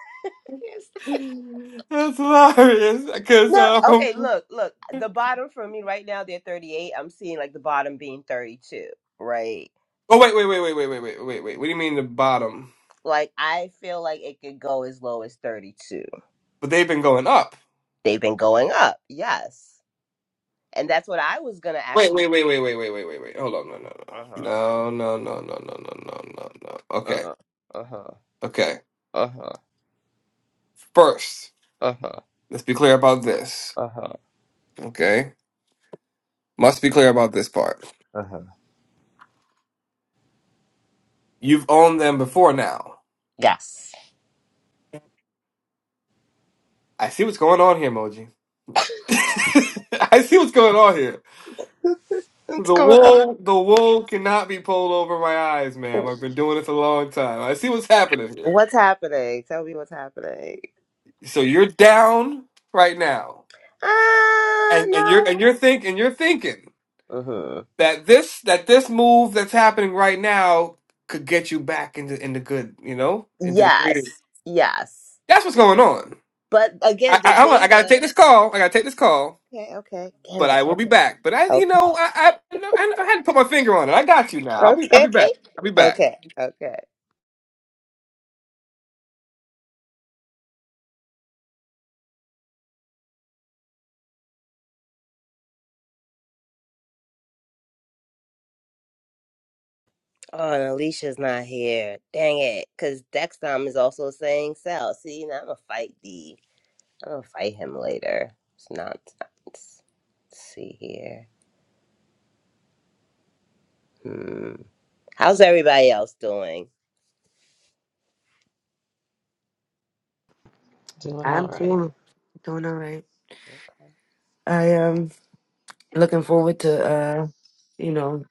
That's hilarious. Cause no, um, okay, look, look. The bottom for me right now, they're 38. I'm seeing like the bottom being 32, right? oh wait wait wait wait wait wait wait wait wait. What do you mean the bottom? Like, I feel like it could go as low as 32. But they've been going up. They've been going up, yes. And that's what I was gonna ask Wait you. wait wait wait wait wait wait wait wait. Hold on no no Uh-huh. Uh-huh. no no no no no no no no no no. Okay Uh-huh. Uh-huh. okay. First, Uh-huh. let's be clear about this. Uh-huh. Okay, must be clear about this part. Uh-huh. You've owned them before now. Yes. I see what's going on here, Moji. I see what's going on here. What's The going on? wool, the wool cannot be pulled over my eyes, ma'am. I've been doing this a long time. I see what's happening here. What's happening? Tell me what's happening. So you're down right now, Uh, and and you're no. and you're thinking you're thinking Uh-huh. that this that this move that's happening right now could get you back into into good, you know, into the Yes. green. Yes. That's what's going on. But I again, the I, I gotta take data. this call. I gotta take this call. Okay. Okay. Damn but it. I will be Okay. back. But I, you Okay. know, I, I, I, I had to put my finger on it. I got you now. I'll be, I'll be Okay. back. I'll be back. Okay. Okay. Oh, and Alicia's not here. Dang it. Because Dexcom is also saying sell. See, now I'm going to fight I'll fight him later. It's nonsense. Let's see here. Hmm. How's everybody else doing? Doing all I'm right. doing doing all right. Okay. I am looking forward to uh you know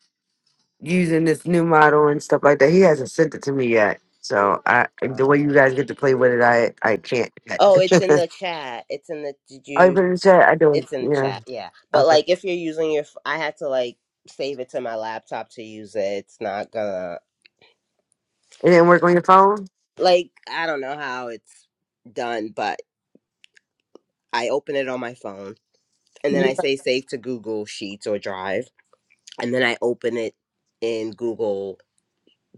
using this new model and stuff like that. He hasn't sent it to me yet, so I the way Uh, you guys get to play with it, I I can't. Yet. oh, it's in the oh, chat. It's in the. Did you you? put it in the chat. I do. it. It's in the Yeah. chat. Yeah. But Okay. like, if you're using your, f- I had to like save it to my laptop to use it. It's not gonna. It didn't work on your phone. Like, I don't know how it's done, but I open it on my phone, and then You I got- say save to Google Sheets or Drive, and then I open it in Google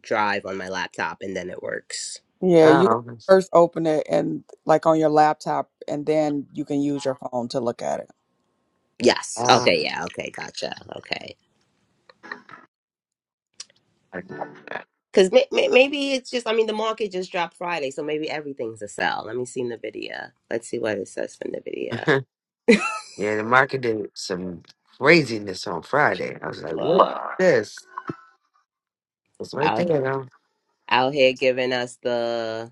drive on my laptop and then it works. yeah, you got to Oh. first open it and like on your laptop, and then you can use your phone to look at it. Yes. Okay. oh. Yeah. Okay. Gotcha. Okay. Because may may- maybe it's just, I mean, the market just dropped Friday, so maybe everything's a sell. Let me see NVIDIA. Let's see what it says for NVIDIA. Yeah, the market did some craziness on Friday. I was like, what Well, this? It's right there, out, though. out here giving us the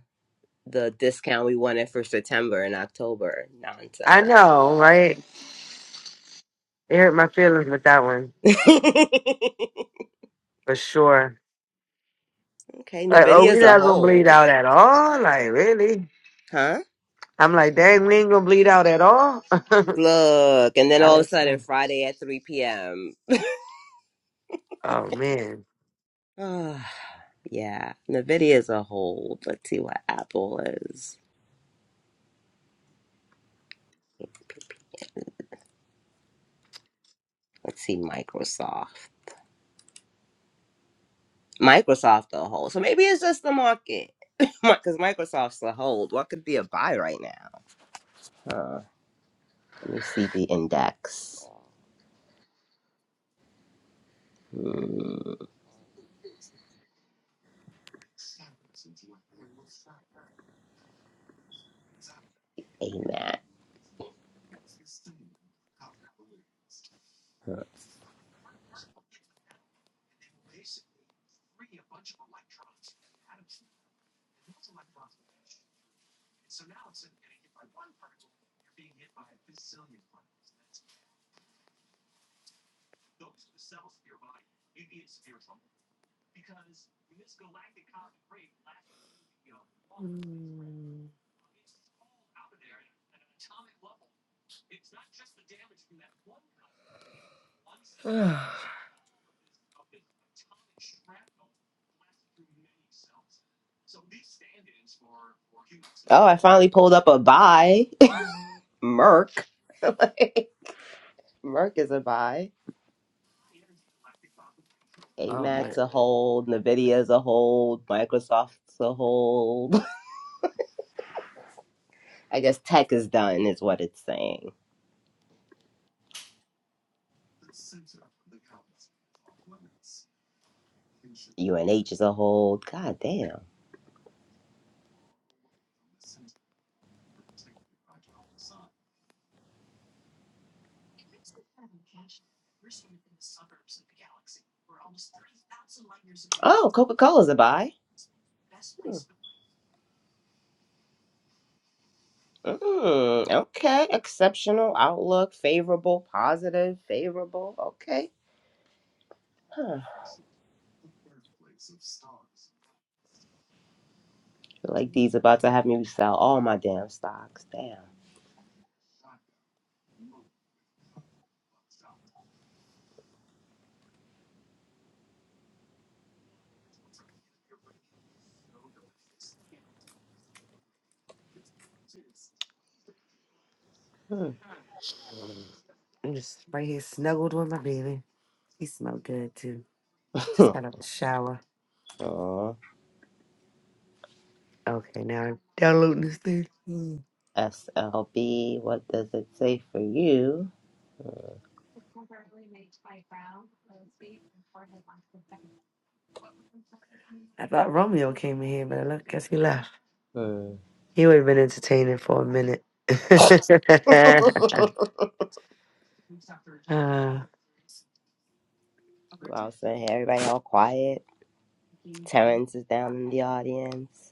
the discount we wanted for September and October. I Nonsense. know, right? It hurt my feelings with that one, okay. for sure. Like, oh, we NVIDIA's a not going to whole, bleed out at all? Like, really? huh? I'm like, dang, we ain't going to bleed out at all? I Look. And then all of a was sudden, like, Friday at 3 p.m. oh, man. Uh, yeah, Nvidia's a hold. Let's see what Apple is. Let's see Microsoft. Microsoft a hold. So maybe it's just the market. Because Microsoft's a hold. What could be a buy right now? Huh. Let me see the index. Hmm. AMAT. Oh, I finally pulled up a buy. Merck. Merck is a buy. Oh, AMAT's man. a hold. Nvidia's a hold. Microsoft's a hold. I guess tech is done, is what it's saying. UNH is a hold. God damn. Oh, Coca Cola's a buy. Mm, okay. Exceptional outlook, favorable, positive, favorable. Okay. Huh. I feel like D's about to have me sell all my damn stocks. Damn. I'm just right here snuggled with my baby. He smelled good, too. Hmm. Just got out of the shower. Aw. Okay, now I'm downloading this thing. Mm. SLB, what does it say for you? I thought Romeo came in here, but I look, guess he left. Hmm. He would have been entertaining for a minute. Who Uh, else in here? Everybody all quiet. Terrence is down in the audience.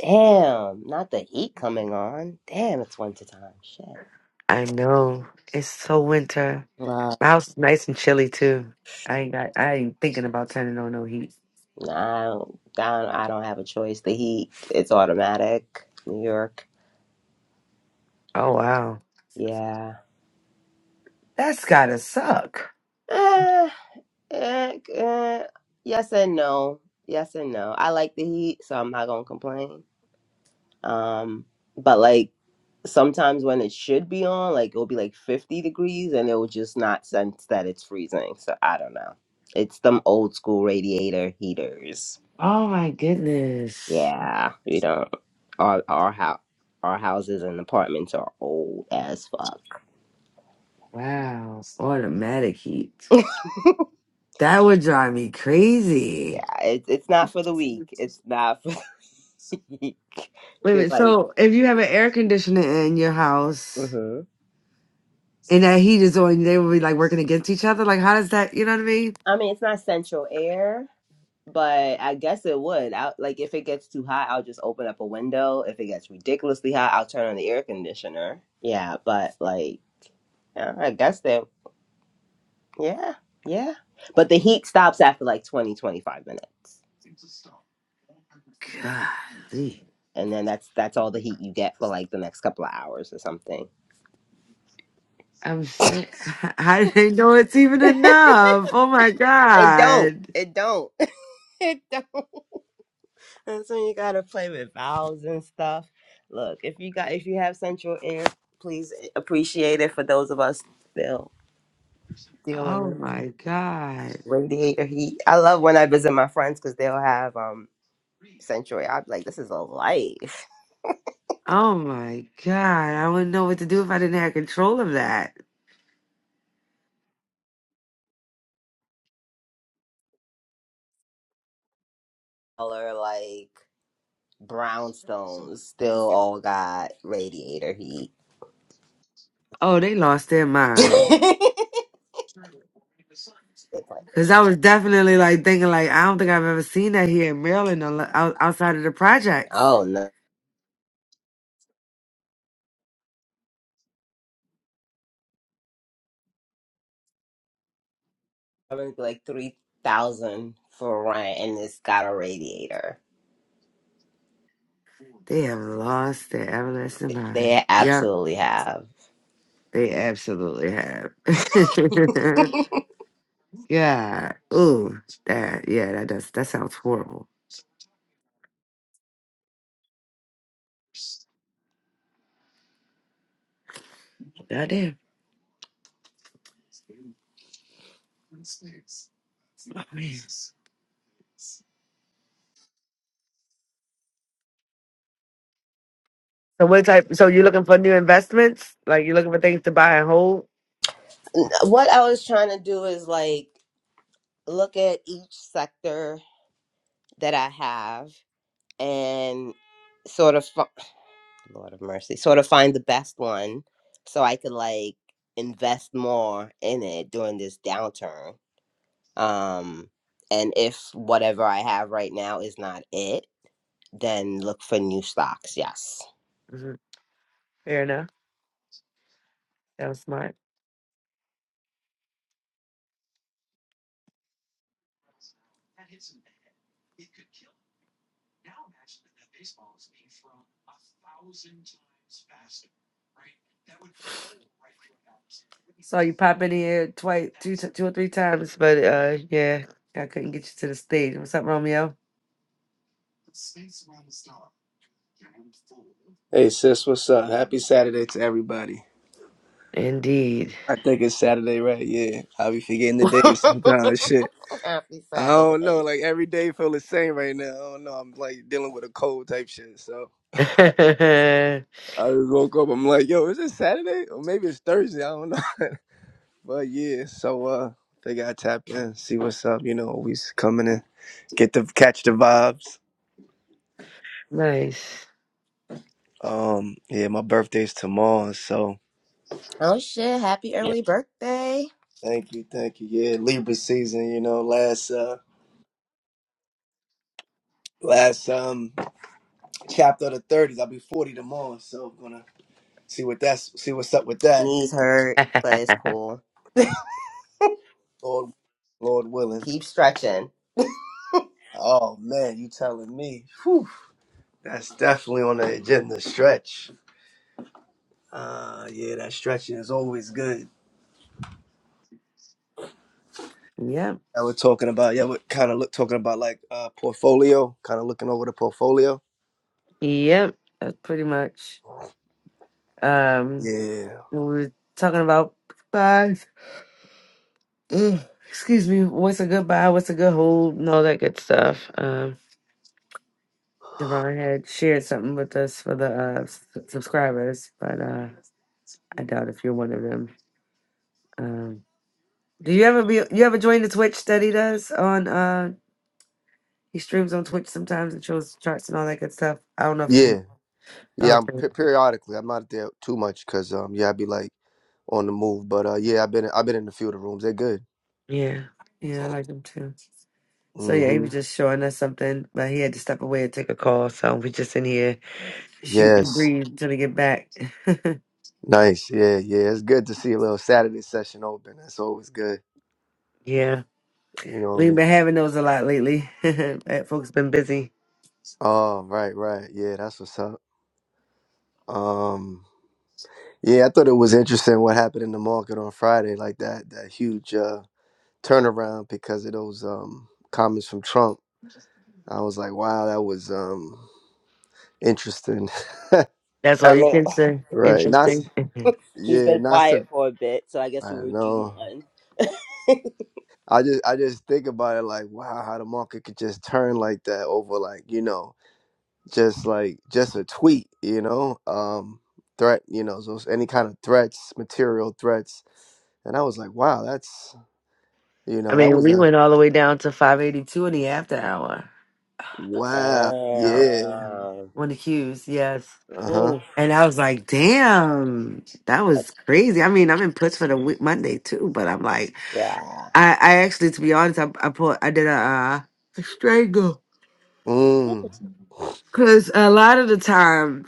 Damn, not the heat coming on. Damn, it's winter time. Shit. I know. It's so winter. My house is nice and chilly too. I ain't got I ain't thinking about turning on no heat. I don't, I don't, I don't have a choice. The heat, it's automatic. New York. Oh wow. Yeah. That's gotta suck. Eh, eh, eh. Yes and no. Yes and no. I like the heat, so I'm not gonna complain. Um, but like sometimes when it should be on, like it'll be like 50 degrees, and it will just not sense that it's freezing. So I don't know. It's them old school radiator heaters. Oh my goodness. Yeah, we don't. Our our house, our houses and apartments are old as fuck. Wow. Automatic heat. That would drive me crazy. Yeah, it's it's not for the weak. It's not for the weak. Wait a Cause minute. like, So if you have an air conditioner in your house hmm and that heat is on, they will be like working against each other. Like how does that you know what I mean? I mean, it's not central air, but I guess it would. I, like, if it gets too hot, I'll just open up a window. If it gets ridiculously hot, I'll turn on the air conditioner. Yeah, but like, yeah, I guess that. Yeah, yeah. But the heat stops after like 20 25 minutes, Golly. and then that's that's all the heat you get for like the next couple of hours or something. I'm sick. I didn't know it's even enough. Oh my It don't. God. It don't. it don't. That's when you gotta play with vowels and stuff. Look, if you got if you have central air, please appreciate it for those of us still dealing Oh with my God. radiator heat. I love when I visit my friends because they'll have um central air. I'm like, this is a life. Oh my God. I wouldn't know what to do if I didn't have control of that. Color like brownstones still all got radiator heat. Oh, they lost their mind. It's like, Cause I was definitely like thinking like, I don't think I've ever seen that here in Maryland or lo- out- outside of the projects. oh no, I went like three thousand for rent, and it's got a radiator. They have lost their everlasting mind. They Yep. absolutely have. They absolutely have. yeah. Ooh, that, yeah, that does, that sounds horrible. Goddamn. So what type? So you looking for new investments? Like you looking for things to buy and hold? what I was trying to do is like look at each sector that I have and sort of, fi- Lord of mercy, sort of find the best one so I could like invest more in it during this downturn. Um, and if whatever I have right now is not it, then look for new stocks. Yes. hmm Fair enough. That was smart. Pop in here twice, t- two or three times, but uh, yeah, I couldn't get you to the stage. What's up, Romeo? Hey sis, what's up? Happy Saturday to everybody. Indeed. I think it's Saturday, right? Yeah. I'll be forgetting the days sometimes. Shit. Happy I don't know. Saturday. Like every day feel the same right now. I don't know. I'm like dealing with a cold type shit. So I just woke up. I'm like, yo, is it Saturday? Or maybe it's Thursday. I don't know. But yeah, so uh they gotta tap in, see what's up, you know, always coming in. Get the catch the vibes. nice. Um, yeah, my birthday's tomorrow, so Oh shit, happy yeah. early birthday. Thank you, thank you. Yeah, Libra season, you know, last uh last um chapter of the thirties. I'll be forty tomorrow, so I'm gonna see what that's see what's up with that. Knees hurt, but it's cool. Lord, Lord willing. Keep stretching. Oh man, you telling me? Whew, that's definitely on the agenda. Stretch. Uh yeah, that stretching is always good. Yep. That we're talking about. Yeah, we're kind of look talking about like uh portfolio, kind of looking over the portfolio. Yep. That's pretty much um Yeah, what we were talking about goodbyes. Ugh, Excuse me. What's a goodbye? What's a good hold? And all that good stuff. Um, Devon had shared something with us for the uh, s- subscribers, but uh, I doubt if you're one of them. Um, do you ever be you ever join the Twitch that he does on? Uh, he streams on Twitch sometimes and shows charts and all that good stuff. I don't know if yeah, you. yeah. I'm Okay. pe- periodically. I'm not there too much because um yeah, I'd be like on the move. But uh yeah, I've been I've been in a few of the rooms. They're good. Yeah. Yeah, I like him too. So yeah, he Mm-hmm. was just showing us something, but he had to step away and take a call. So we just in here shooting and Yes. breathe until we get back. Nice. Yeah, yeah. It's good to see a little Saturday session open. That's always good. yeah. You We've know. been having those a lot lately. But Folks been busy. Oh, right, right. Yeah, that's what's up. Um yeah, I thought it was interesting what happened in the market on Friday, like that that huge uh turnaround because of those um comments from Trump. I was like, wow, that was um interesting. That's all I you mean, can say. right. Not s- Interesting. he's yeah, been not quiet sur- for a bit, so I I guess we don't were due know. one. I just I just think about it like wow how the market could just turn like that over like you know just like just a tweet, you know, um, threat, you know, so it's any kind of threats, material threats. And I was like, wow, that's, you I know, that mean, was we a went all the way down to 582 in the after hour. wow, Um, yeah, Damn. One of the cues, yes. uh huh, Oof. And I was like, damn, that was crazy. I mean, I'm in puts for the week Monday too, but I'm like, Yeah. I, I actually, to be honest, I, I pulled, I did a uh, a strangle. mm, Cause a lot of the time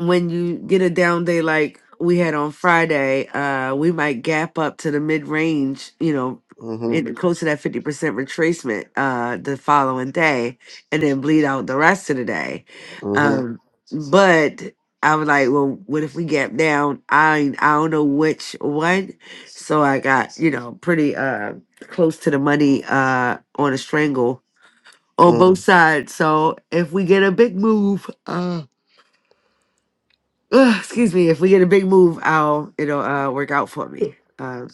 when you get a down day like we had on Friday, uh, we might gap up to the mid range, you know, mm-hmm, it close to that fifty percent retracement uh the following day and then bleed out the rest of the day. mm-hmm, Um but I was like, well, what if we gap down? I ain't- I don't know which one. So I got, you know, pretty uh close to the money uh on a strangle on both sides. So if we get a big move, uh Ugh, excuse me, if we get a big move, I'll it'll uh work out for me. Uh,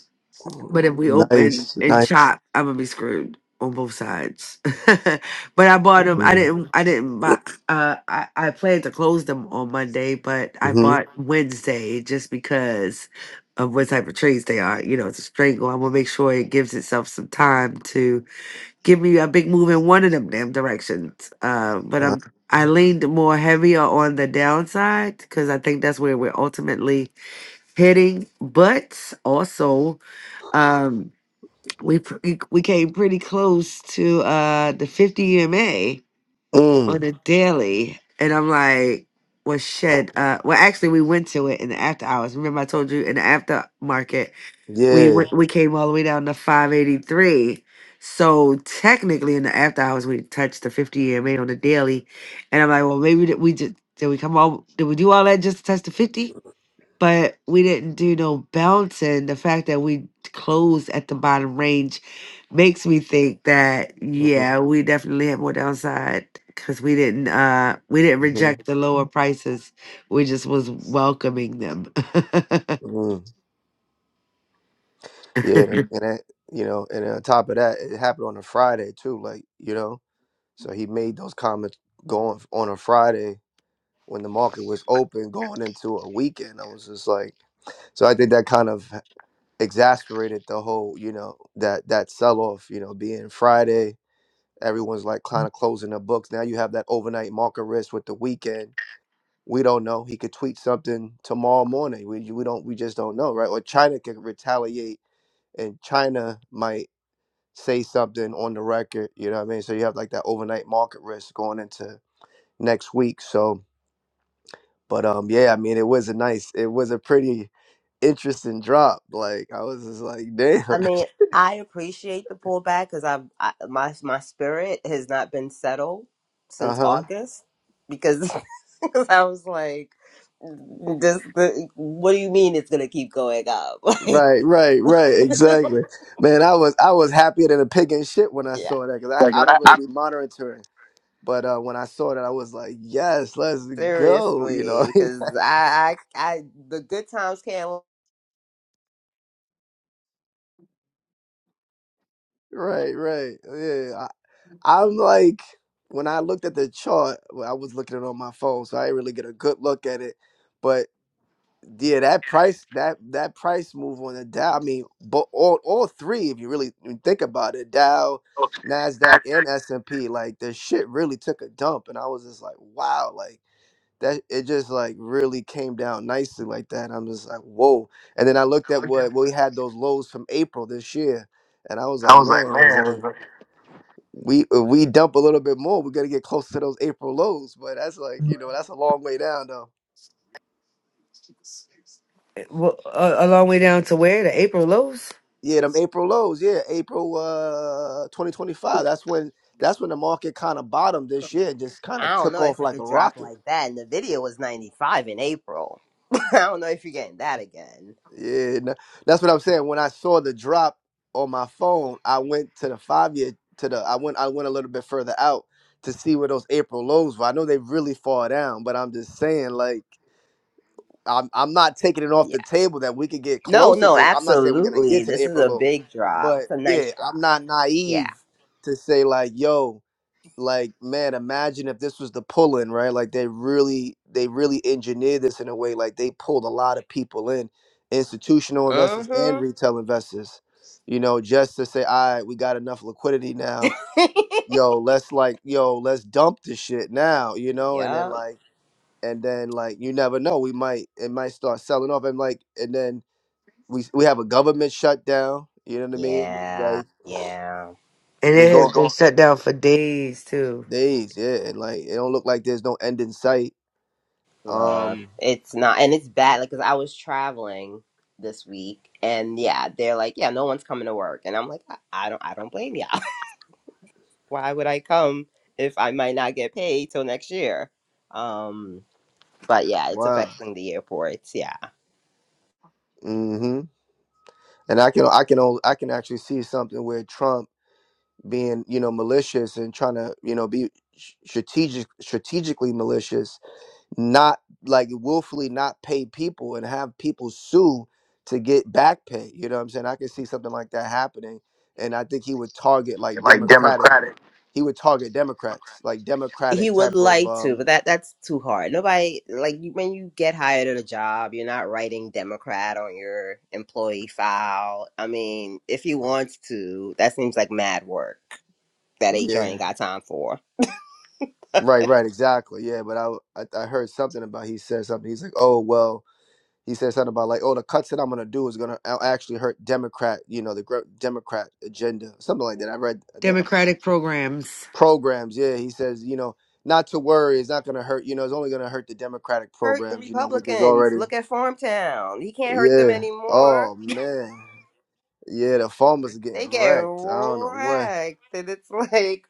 mm. but if we open nice, and nice, chop, I'm gonna be screwed on both sides. but I bought them. I mm-hmm, didn't. I didn't buy. Uh, I I planned to close them on Monday, but I mm-hmm, bought Wednesday just because of what type of trades they are. You know, it's a strangle. I'm gonna make sure it gives itself some time to give me a big move in one of them damn directions. Uh, but uh, I'm I leaned more heavier on the downside because I think that's where we're ultimately heading. But also, um, we pr- we we came pretty close to uh the 50 EMA mm, on a daily, and I'm like. Was shed. Uh, well, actually, we went to it in the after hours. Remember, I told you in the aftermarket we yeah, went, we came all the way down to 583 so technically in the after hours we touched the 50 EMA on the daily and i'm like well maybe did we just did we come all did we do all that just to touch the 50 but we didn't do no bouncing the fact that we closed at the bottom range makes me think that mm-hmm, yeah we definitely had more downside because we didn't uh we didn't reject mm-hmm, the lower prices we just was welcoming them mm. yeah, and that, you know, and on top of that, it happened on a Friday too, like, you know. So he made those comments going on a Friday when the market was open going into a weekend. I was just like, so I think that kind of exasperated the whole, you know, that that sell off, you know, being Friday, everyone's like kind of closing their books. Now you have that overnight market risk with the weekend. We don't know. He could tweet something tomorrow morning. We we don't we just don't know, right? Or China could retaliate and China might say something on the record, you know what I mean? So you have like that overnight market risk going into next week. So, but um, yeah, I mean, it was a nice, it was a pretty interesting drop. Like I was just like, I damn. mean, I appreciate the pullback because I've I, my my spirit has not been settled Uh since huh. August because 'cause I was like, this. The, what do you mean it's gonna keep going up? Right, right, right. Like, Exactly. Man, I was I was happier than a pig in shit when I yeah, saw that because I, I don't really be monitoring. But uh, when I saw that, I was like, yes, let's go. You seriously, know. because I, I I the good times can't. right, right. Yeah. I, I'm like when I looked at the chart, well, I was looking at it on my phone, so I didn't really get a good look at it. But Yeah, that price that that price move on the Dow. I mean, but all all three, if you really think about it, Dow, Nasdaq, and S and P, like the shit really took a dump, and I was just like, wow, like that. It just like really came down nicely like that. I'm just like, whoa. And then I looked at what we had those lows from April this year, and I was like, man, it was like we if we dump a little bit more, we got to get close to those April lows. But that's like you know that's a long way down though. well, a, a long way down to where? The April lows? Yeah, them April lows. Yeah, April uh 2025. That's when that's when the market kind of bottomed this year and just kind of I don't took know off if it like a could drop rocket. like that. And the video was 95 in April. I don't know if you're getting that again. Yeah, n- that's what I'm saying. When I saw the drop on my phone, I went to the five year to the I went I went a little bit further out to see where those April lows were. I know they really far down, but I'm just saying like I'm I'm not taking it off Yeah. the table that we could get No, closer no, to. I'm not saying we're gonna absolutely. get to the This is April a lows, big drop. but It's a yeah, nice I'm drop. not Yeah. naive to say like yo like man imagine if this was the pull-in right like they really they really engineered this in a way like they pulled a lot of people in institutional investors and Mm-hmm. retail investors you know just to say all right we got enough liquidity now yo let's like yo let's dump this shit now you know and then Yup. like and then like you never know we might it might start selling off and like and then we we have a government shutdown you know what i mean I mean, Yeah. like Yeah. And we're it going has been shut down for days, too. days yeah and like it don't look like there's no end in sight Look, Um, it's not, and it's bad. Like, cause I was traveling this week, and yeah, they're like, yeah, no one's coming to work, and I'm like, I, I don't, I don't blame y'all. Why would I come if I might not get paid till next year? Um. but yeah, it's wow. affecting the airports. Yeah, hmm And I can I can only, I can actually see something where Trump being you know malicious and trying to you know be sh- strategic strategically malicious, not like willfully not pay people and have people sue to get back pay. You know what I'm saying? I can see something like that happening, and I think he would target like Democratic. He would target Democrats, like he Democratic would type of like to, um but that that's too hard. Nobody like you, when you get hired at a job, you're not writing Democrat on your employee file. I mean, if he wants to, that seems like mad work that HR yeah ain't got time for. Right, right, exactly. Yeah, but I, I I heard something about he said something. He's like, oh well, he said something about like, oh, the cuts that I'm gonna do is gonna a- actually hurt Democrat, you know, the gr- Democrat agenda, something like that. I read, I think uh, Democratic programs. programs. Yeah, he says, you know, not to worry, it's not gonna hurt. You know, it's only gonna hurt the Democratic Hurt the programs. You know, which is Republicans. already, Look at Farmtown. He can't hurt them yeah. anymore. Oh man, yeah, the farmers are getting They get wrecked. I don't know what. wrecked, and it's like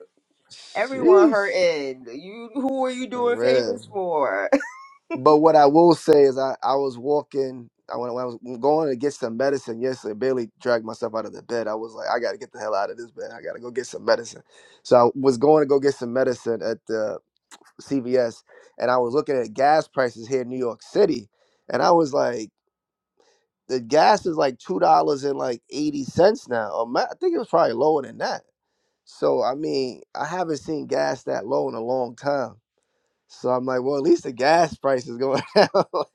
everyone Sheesh, hurting. You, who are you for doing real. favors for? But what I will say is, I, I was walking. I when, when I was going to get some medicine yesterday. Barely dragged myself out of the bed. I was like, I got to get the hell out of this bed. I got to go get some medicine. So I was going to go get some medicine at the CVS, and I was looking at gas prices here in New York City, and I was like, the gas is like two dollars and like eighty cents now. Or ma- I think it was probably lower than that. So I mean, I haven't seen gas that low in a long time. So I'm like, well, at least the gas price is going down. Like,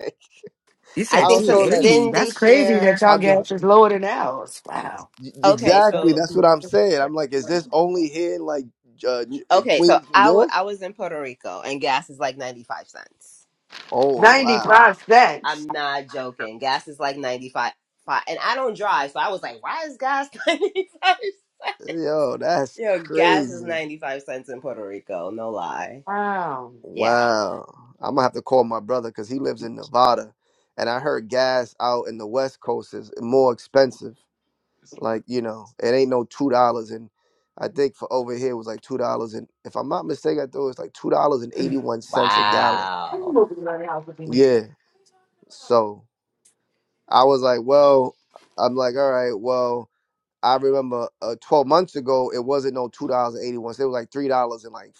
You I I said think don't know. some. Like 280. Then they That's crazy share. that y'all I'm gas is lower than ours. Wow. Okay, exactly. so That's what I'm saying. I'm like, is this only here in like Judge in okay, so Queens, New I wa- York? I was in Puerto Rico and gas is like 95 cents. Oh wow, 95 cents. I'm not joking. Gas is like 95 fi- and I don't drive, so I was like, why is gas 95 cents? yo, that's Yo, gas is crazy. 95 cents in Puerto Rico, no lie. Wow. Yeah. Wow, I'm gonna have to call my brother because he lives in Nevada, and I heard gas out in the West Coast is more expensive. Like you know, it ain't no two dollars and. I think for over here it was like two dollars and if I'm not mistaken, I thought it was like two dollars and eighty one cents a gallon. Why you Wow. moving around the house looking weird? Yeah. So I was like, well, I'm like, all right, well, I remember uh, 12 months ago, it wasn't no two dollars and eighty one. cents. It was like three dollars and like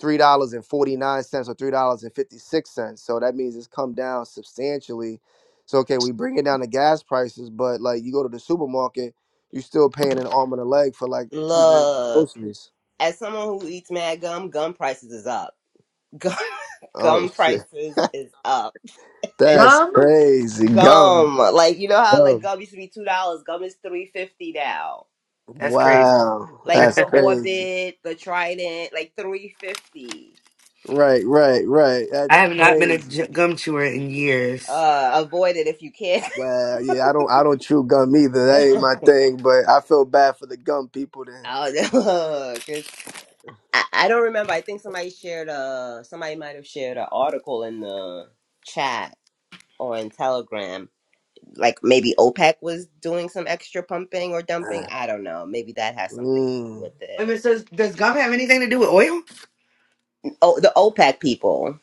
three dollars and forty nine cents or three dollars and fifty six cents. So that means it's come down substantially. So okay, we bringing down the gas prices, but like you go to the supermarket, you are still paying an arm and a leg for like two bags of Look, groceries. as someone who eats mad gum, gum prices is up. Gum, Oh gum shit, prices is up. And that's Gum? crazy. Gum, gum, like you know how like gum. gum used to be $2, gum is 3.50 now. That's crazy. Wow, I like that's the crazy. Orbit, the Trident, like 350. Right, right, right. That's have not been a crazy. j- gum chewer in years. Uh, avoid it if you can. Wow. Yeah, I don't I don't chew gum either. That ain't my thing, but I feel bad for the gum people then. I don't know. 'cause I, I don't remember. I think somebody shared a somebody might have shared an article in the chat or in Telegram. Like maybe OPEC was doing some extra pumping or dumping. I don't know. Maybe that has something to do Mm. with Wait a it. minute, so does gum have anything to do with oil? Oh, the OPEC people.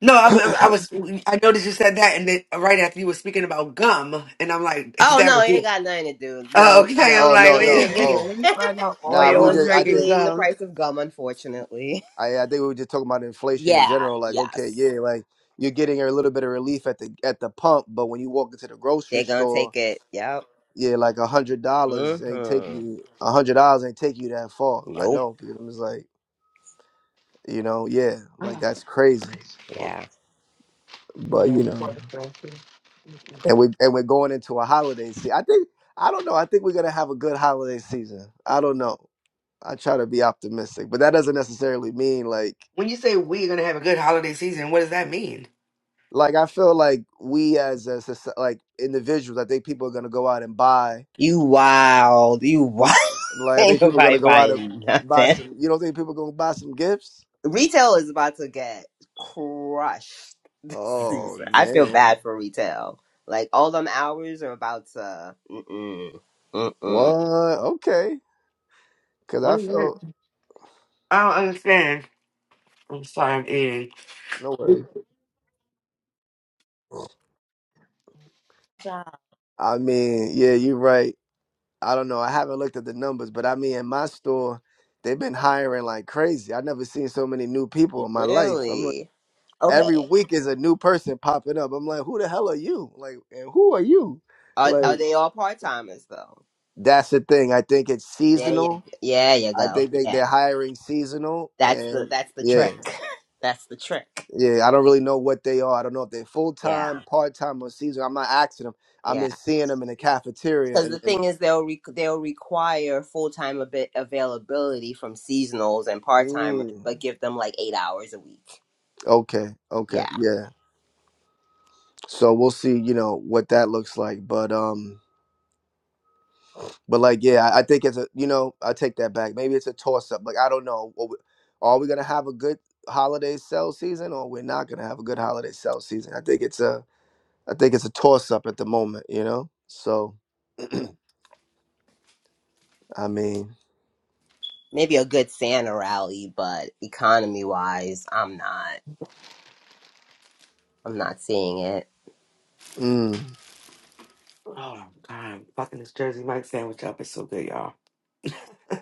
No, I, I, I was. I noticed you said that, and then right after you were speaking about gum, and I'm like, is Oh no, that it ain't real? got nothing to do. Oh, No, okay. I'm oh no, like, no, wait a no. ain't. minute. Oh. Let me find out Nah, no we oil is one's just I making think regulating the gum. price of gum, unfortunately. I I think we were just talking about inflation in Yeah, general. Like, okay, yes. yeah, like you're getting a little bit of relief at the at the pump, but when you walk into the They're grocery gonna store, take it. Yep. yeah, like a hundred dollars ain't take Mm-hmm. you a hundred dollars ain't take you that far. I Nope. know, because it's like, you know, yeah, like that's crazy. Yeah. But you know. and we and we're going into a holiday season. I think I don't know. I think we're gonna have a good holiday season. I don't know. I try to be optimistic, but that doesn't necessarily mean like When you say we're gonna have a good holiday season, what does that mean? like I feel like we as a soc- like individuals. I think people are gonna go out and buy. You wild. You wild. Like I Ain't think people are nobody gonna go out and buying buy nothing. some. You don't think people are gonna buy some gifts? Retail is about to get crushed this Oh season. I feel man, bad for retail. Like all them hours are about to. Mm-mm. what? Mm-mm. Okay, because What I is that? feel I don't understand. I'm sorry, I'm eating. no worries. I mean, yeah, you're right. I don't know. I haven't looked at the numbers, but I mean, in my store, they've been hiring like crazy. i never seen so many new people in my life. I'm like, Really? every Okay. week is a new person popping up. I'm like, who the hell are you? Like, and who are you? Are are Like, they all part timers though? that's the thing. I think it's There you seasonal. yeah, you I go. think they, Yeah. they're hiring seasonal. That's the And that's the yeah, trick. That's the trick. yeah, I don't really know what they are. I don't know if they're full Yeah, time, part time, or seasonal. I'm not asking them. I'm yeah. just seeing them in the cafeteria Because and, the and thing is, they'll re- they'll require full time ab- availability from seasonals and part timers, mm, but give them like eight hours a week. okay, okay, Yeah, yeah. so we'll see you know what that looks like but um but like yeah i I think it's a you know i take that back maybe it's a toss up like i don't know Are we are we gonna have a good holiday sell season or we're not gonna have a good holiday sell season i think it's a i think it's a toss up at the moment you know so i mean maybe a good Santa rally, but economy wise, I'm not. I'm not seeing it. mm, Oh God, fucking this Jersey Mike sandwich up is so good, y'all.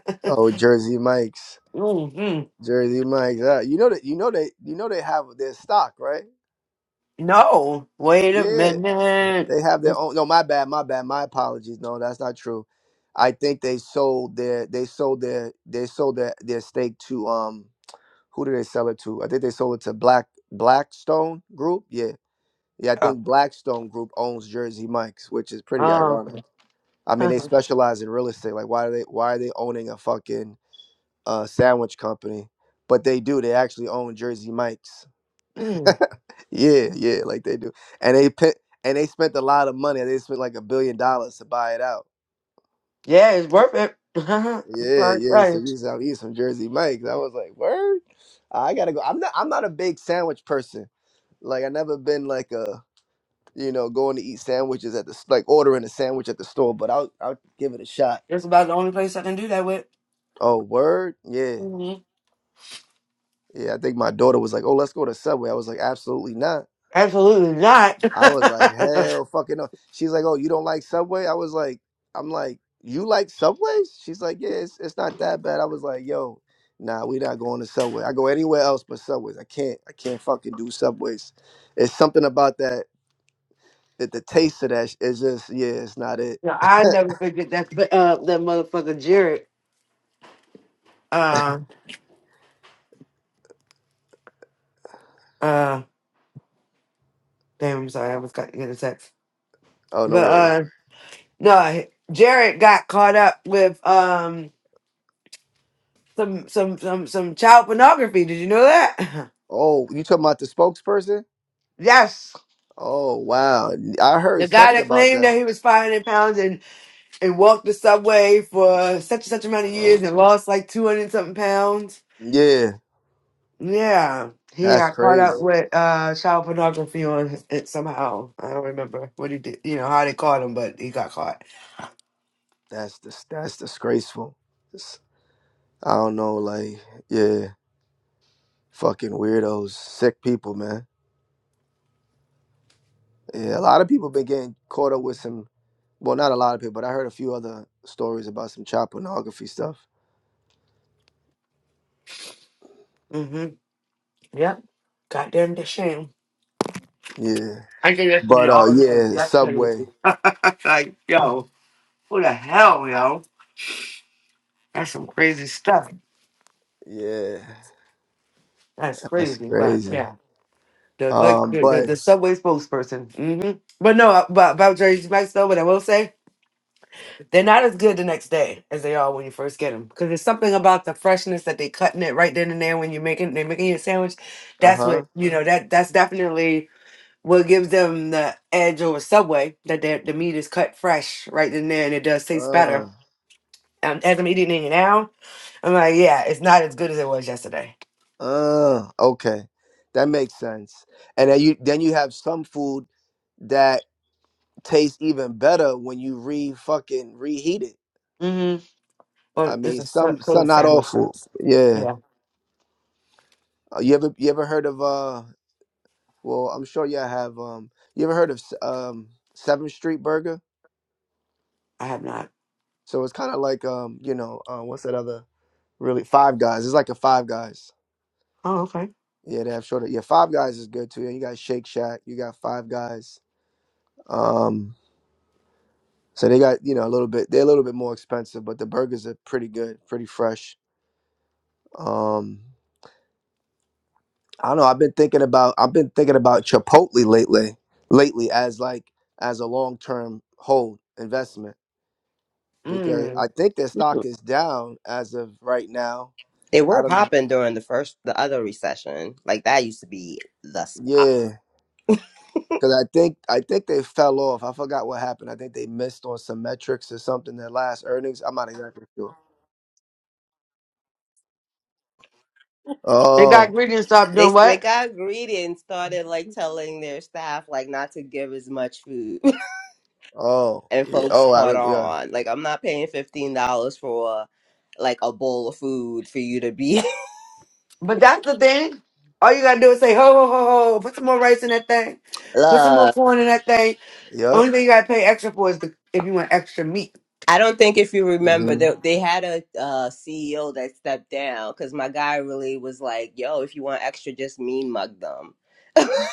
oh jersey mikes hmm jersey mikes uh, you know that you know they you know they have their stock right No, wait a yeah minute. They have their own. No, my bad, my bad, my apologies. No, that's not true. I think they sold their they sold their they sold their their stake to um who did they sell it to? I think they sold it to Black Blackstone Group. Yeah, yeah. I Uh, think Blackstone Group owns Jersey Mike's, which is pretty uh, ironic. I mean, they specialize in real estate. Like, why are they why are they owning a fucking uh, sandwich company? But they do. They actually own Jersey Mike's. mm, Yeah, yeah, like they do. And they pe- and they spent a lot of money. They spent like a billion dollars to buy it out. yeah, it's worth it. I'm Yeah, yeah. So sorry. we used to eat some Jersey Mike's. I was like, word. I gotta go. I'm not. I'm not a big sandwich person. Like I never been like a you know going to eat sandwiches at the s- like ordering a sandwich at the store. But I'll I'll give it a shot. That's about the only place I can do that with. Oh, word. Yeah, hmm yeah. I think my daughter was like, oh, let's go to Subway. I was like, absolutely not. Absolutely not. I was like, hell fucking no. She's like, oh, you don't like Subway? I was like, I'm like, you like Subways? She's like, yeah, it's, it's not that bad. I was like, yo, nah, we not going to Subway. I go anywhere else but Subways. I can't, I can't fucking do Subways. It's something about that, that the taste of that is just, yeah, it's not it. no, I never forget that. uh, that motherfucker Jared. Uh, uh, damn. I'm sorry. I was got to get a text. Oh, no But worries. uh, no, Jared got caught up with um some some some some child pornography. Did you know that? Oh, you talking about the spokesperson? yes. Oh, wow. I heard The guy something that about claimed that. that he was 500 pounds and, and walked the subway for such and such amount of years and lost like 200 something pounds Yeah, Yeah, he that's got caught up crazy. with uh child pornography on it somehow. I don't remember what he did, you know, how they caught him, but he got caught. That's dis- that's disgraceful. It's- I don't know, like, yeah. Fucking weirdos, sick people, man. Yeah, a lot of people been getting caught up with some. Well, not a lot of people, but I heard a few other stories about some child pornography stuff. Mm-hmm. Yep. Goddamn the shame. Yeah, I think that's going be but uh, all yeah, that's gonna be- Subway. like, yo, who the hell, yo? That's some crazy stuff. Yeah, That's that's crazy, but crazy. yeah. The like Um, the, the, but the subway spokesperson. Mm-hmm. But no, uh, but about Jersey Mike's though, what I will say They're not as good the next day as they are when you first get them because there's something about the freshness that they cutting it right then and there when you're making they're making your sandwich. That's uh-huh. what you know that that's definitely what gives them the edge over Subway that their- the meat is cut fresh right then and there and it does taste better. Uh Um, as I'm eating it now, I'm like, yeah, it's not as good as it was yesterday. uh. Okay, that makes sense. And then you then you have some food that tastes even better when you re fucking reheat it. hmm I But it's mean, a sa- some some cold not all sandwich. so food. it's- Yeah. Yeah, Uh, you ever you ever heard of uh? Well, I'm sure y'all have. Um, you ever heard of S- um Seventh Street Burger? I have not. So it's kind of like um, you know, uh, what's that other really Five Guys? It's like a Five Guys. Oh, okay. Yeah, they have shorter. Yeah, Five Guys is good too. And you got Shake Shack. You got Five Guys. Um, so they got you know a little bit. They're a little bit more expensive, but the burgers are pretty good, pretty fresh. Um, I don't know. I've been thinking about. I've been thinking about Chipotle lately. Lately, as like as a long term hold investment because I Mm. think their stock is down as of right now. They I were don't know. popping during the first, the other recession. Like that used to be the spot. Yeah, because I think I think they fell off. I forgot what happened. I think they missed on some metrics or something. Their last earnings. I'm not exactly sure. They Oh, got ingredients. Stop They doing they what? got greedy and started like telling their staff like not to give as much food. oh, and yeah. folks Oh, I caught re- yeah, on. Like I'm not paying fifteen dollars for like a bowl of food for you to be But that's the thing. All you gotta do is say ho ho ho ho. Put some more rice in that thing. Put some more love. corn in that thing. yep. Only thing you gotta pay extra for is the if you want extra meat. I don't think if you remember hmm that they, they had a uh, CEO that stepped down because my guy really was like, "Yo, if you want extra, just mean mug them."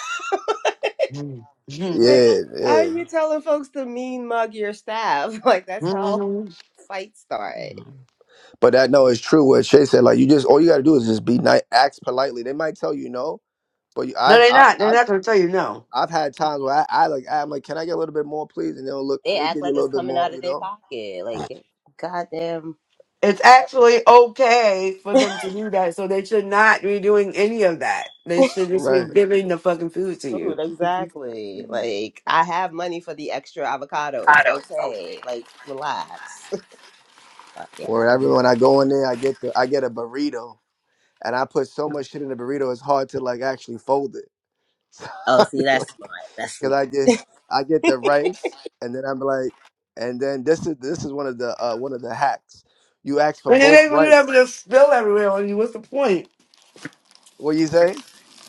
Mhm. Mhm. like, Yeah, how are yeah. you telling folks to mean mug your staff? Like that's how Mhm. fights start. Mhm. But that no, it's true. What Shay said, like you just all you got to do is just be nice, ask politely. They might tell you no, but you, No, I've, they're I've not. They're I've not gonna tell you no. I've had times where I, I like I'm like, can I get a little bit more, please? And they'll look, They they'll act give you a like little it's bit coming more, out you of their know. pocket. Like, goddamn. It's actually okay for them to do that, so they should not be doing any of that. They should just be Right. giving the fucking food to food you. exactly like i have money for the extra avocado it's okay like relax but yeah Wherever when I go in there, I get the I get a burrito, and I put so much shit in the burrito, it's hard to like actually fold it. So oh I see mean, like, that's smart that's cause smart I get I get the rice, and then I'm like, and then this is this is one of the uh, one of the hacks. You ask for And if both they gonna do that, but rice. just spill everywhere on you. What's the point? What you say?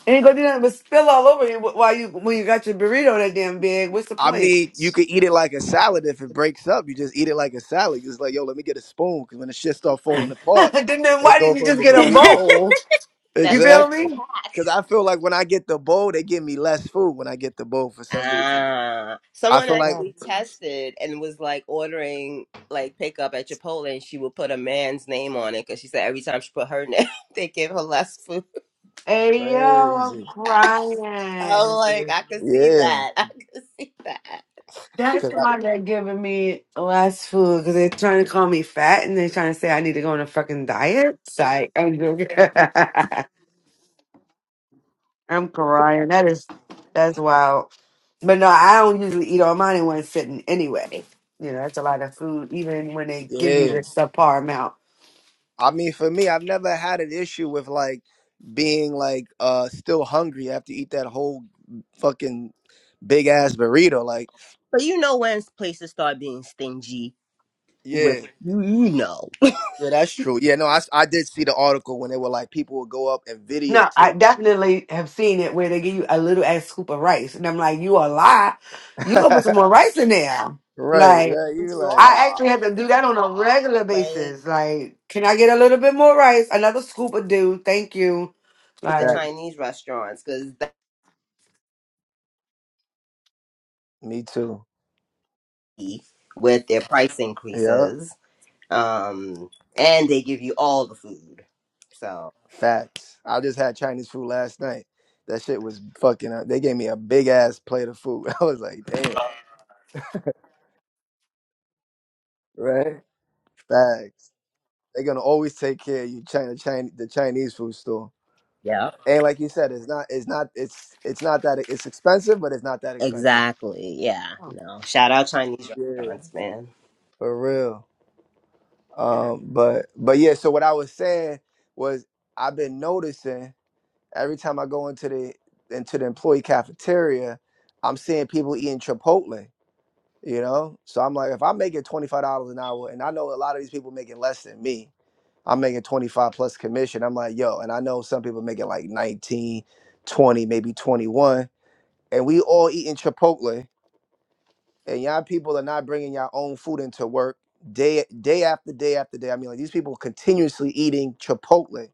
And you gonna do that, but spill all over you wh- while you when you got your burrito that damn big. What's the I point? mean, you could eat it like a salad if it breaks up. You just eat it like a salad. It's like, yo, let me get a spoon, cause when the shit start falling apart, then, then it why go didn't you from just a get a burrito. that's bowl? You how it's feel Exactly. a me? hack Because I feel like when I get the bowl, they give me less food when I get the bowl for some reason. ah I someone feel like actually tested and was like ordering like pickup at chipotle and she would put a man's name on it because she said every time she put her name they give her less food Hey yo, I'm crazy. i'm crying. like i could see Yeah. that i could see that That's Cause I, why they're giving me less food because they're trying to call me fat and they're trying to say I need to go on a fucking diet. Psych. I'm joking. I'm crying. That is that's wild. But no, I don't usually eat all mine in one sitting anyway. You know, that's a lot of food, even when they give you yeah. the subpar amount. I mean, for me, I've never had an issue with like being like uh still hungry after eat that whole fucking big ass burrito. Like, but you know when places start being stingy with yeah. you, you know, Yeah, that's true. Yeah, no, I, s- I did see the article when they were like people would go up and No, I videotape. definitely have seen it where they give you a little ass scoop of rice, and I'm like, you a lie. You gonna right, put some more rice in there? Like, right. You you like I actually are have to do that on a regular like basis. Like, can I get a little bit more rice? Another scoop of do, thank you. to the that. Like, Chinese restaurants because Me too. they with their price Yeah. increases, um, and they give you all the food. So Facts. I just had Chinese food last night. That shit was fucking up. They gave me a big ass plate of food. I was like, damn. Right? Facts. They're gonna always take care of you, China, China the Chinese food store. yeah, And like you said, it's not it's not it's it's not that it's expensive, but it's not that expensive. exactly. Yeah, oh, no. Shout out Chinese Yeah. restaurants, man. For real. they're not- Um, but but yeah, so what I was saying was I've been noticing every time I go into the into the employee cafeteria, I'm seeing people eating Chipotle. you know so i'm like if i'm making $25 an hour and i know a lot of these people making less than me i'm making 25 plus commission i'm like yo and i know some people making like 19 20 maybe 21 and we all eating chipotle and y'all people are not bringing your own food into work day day after day after day i mean like these people continuously eating chipotle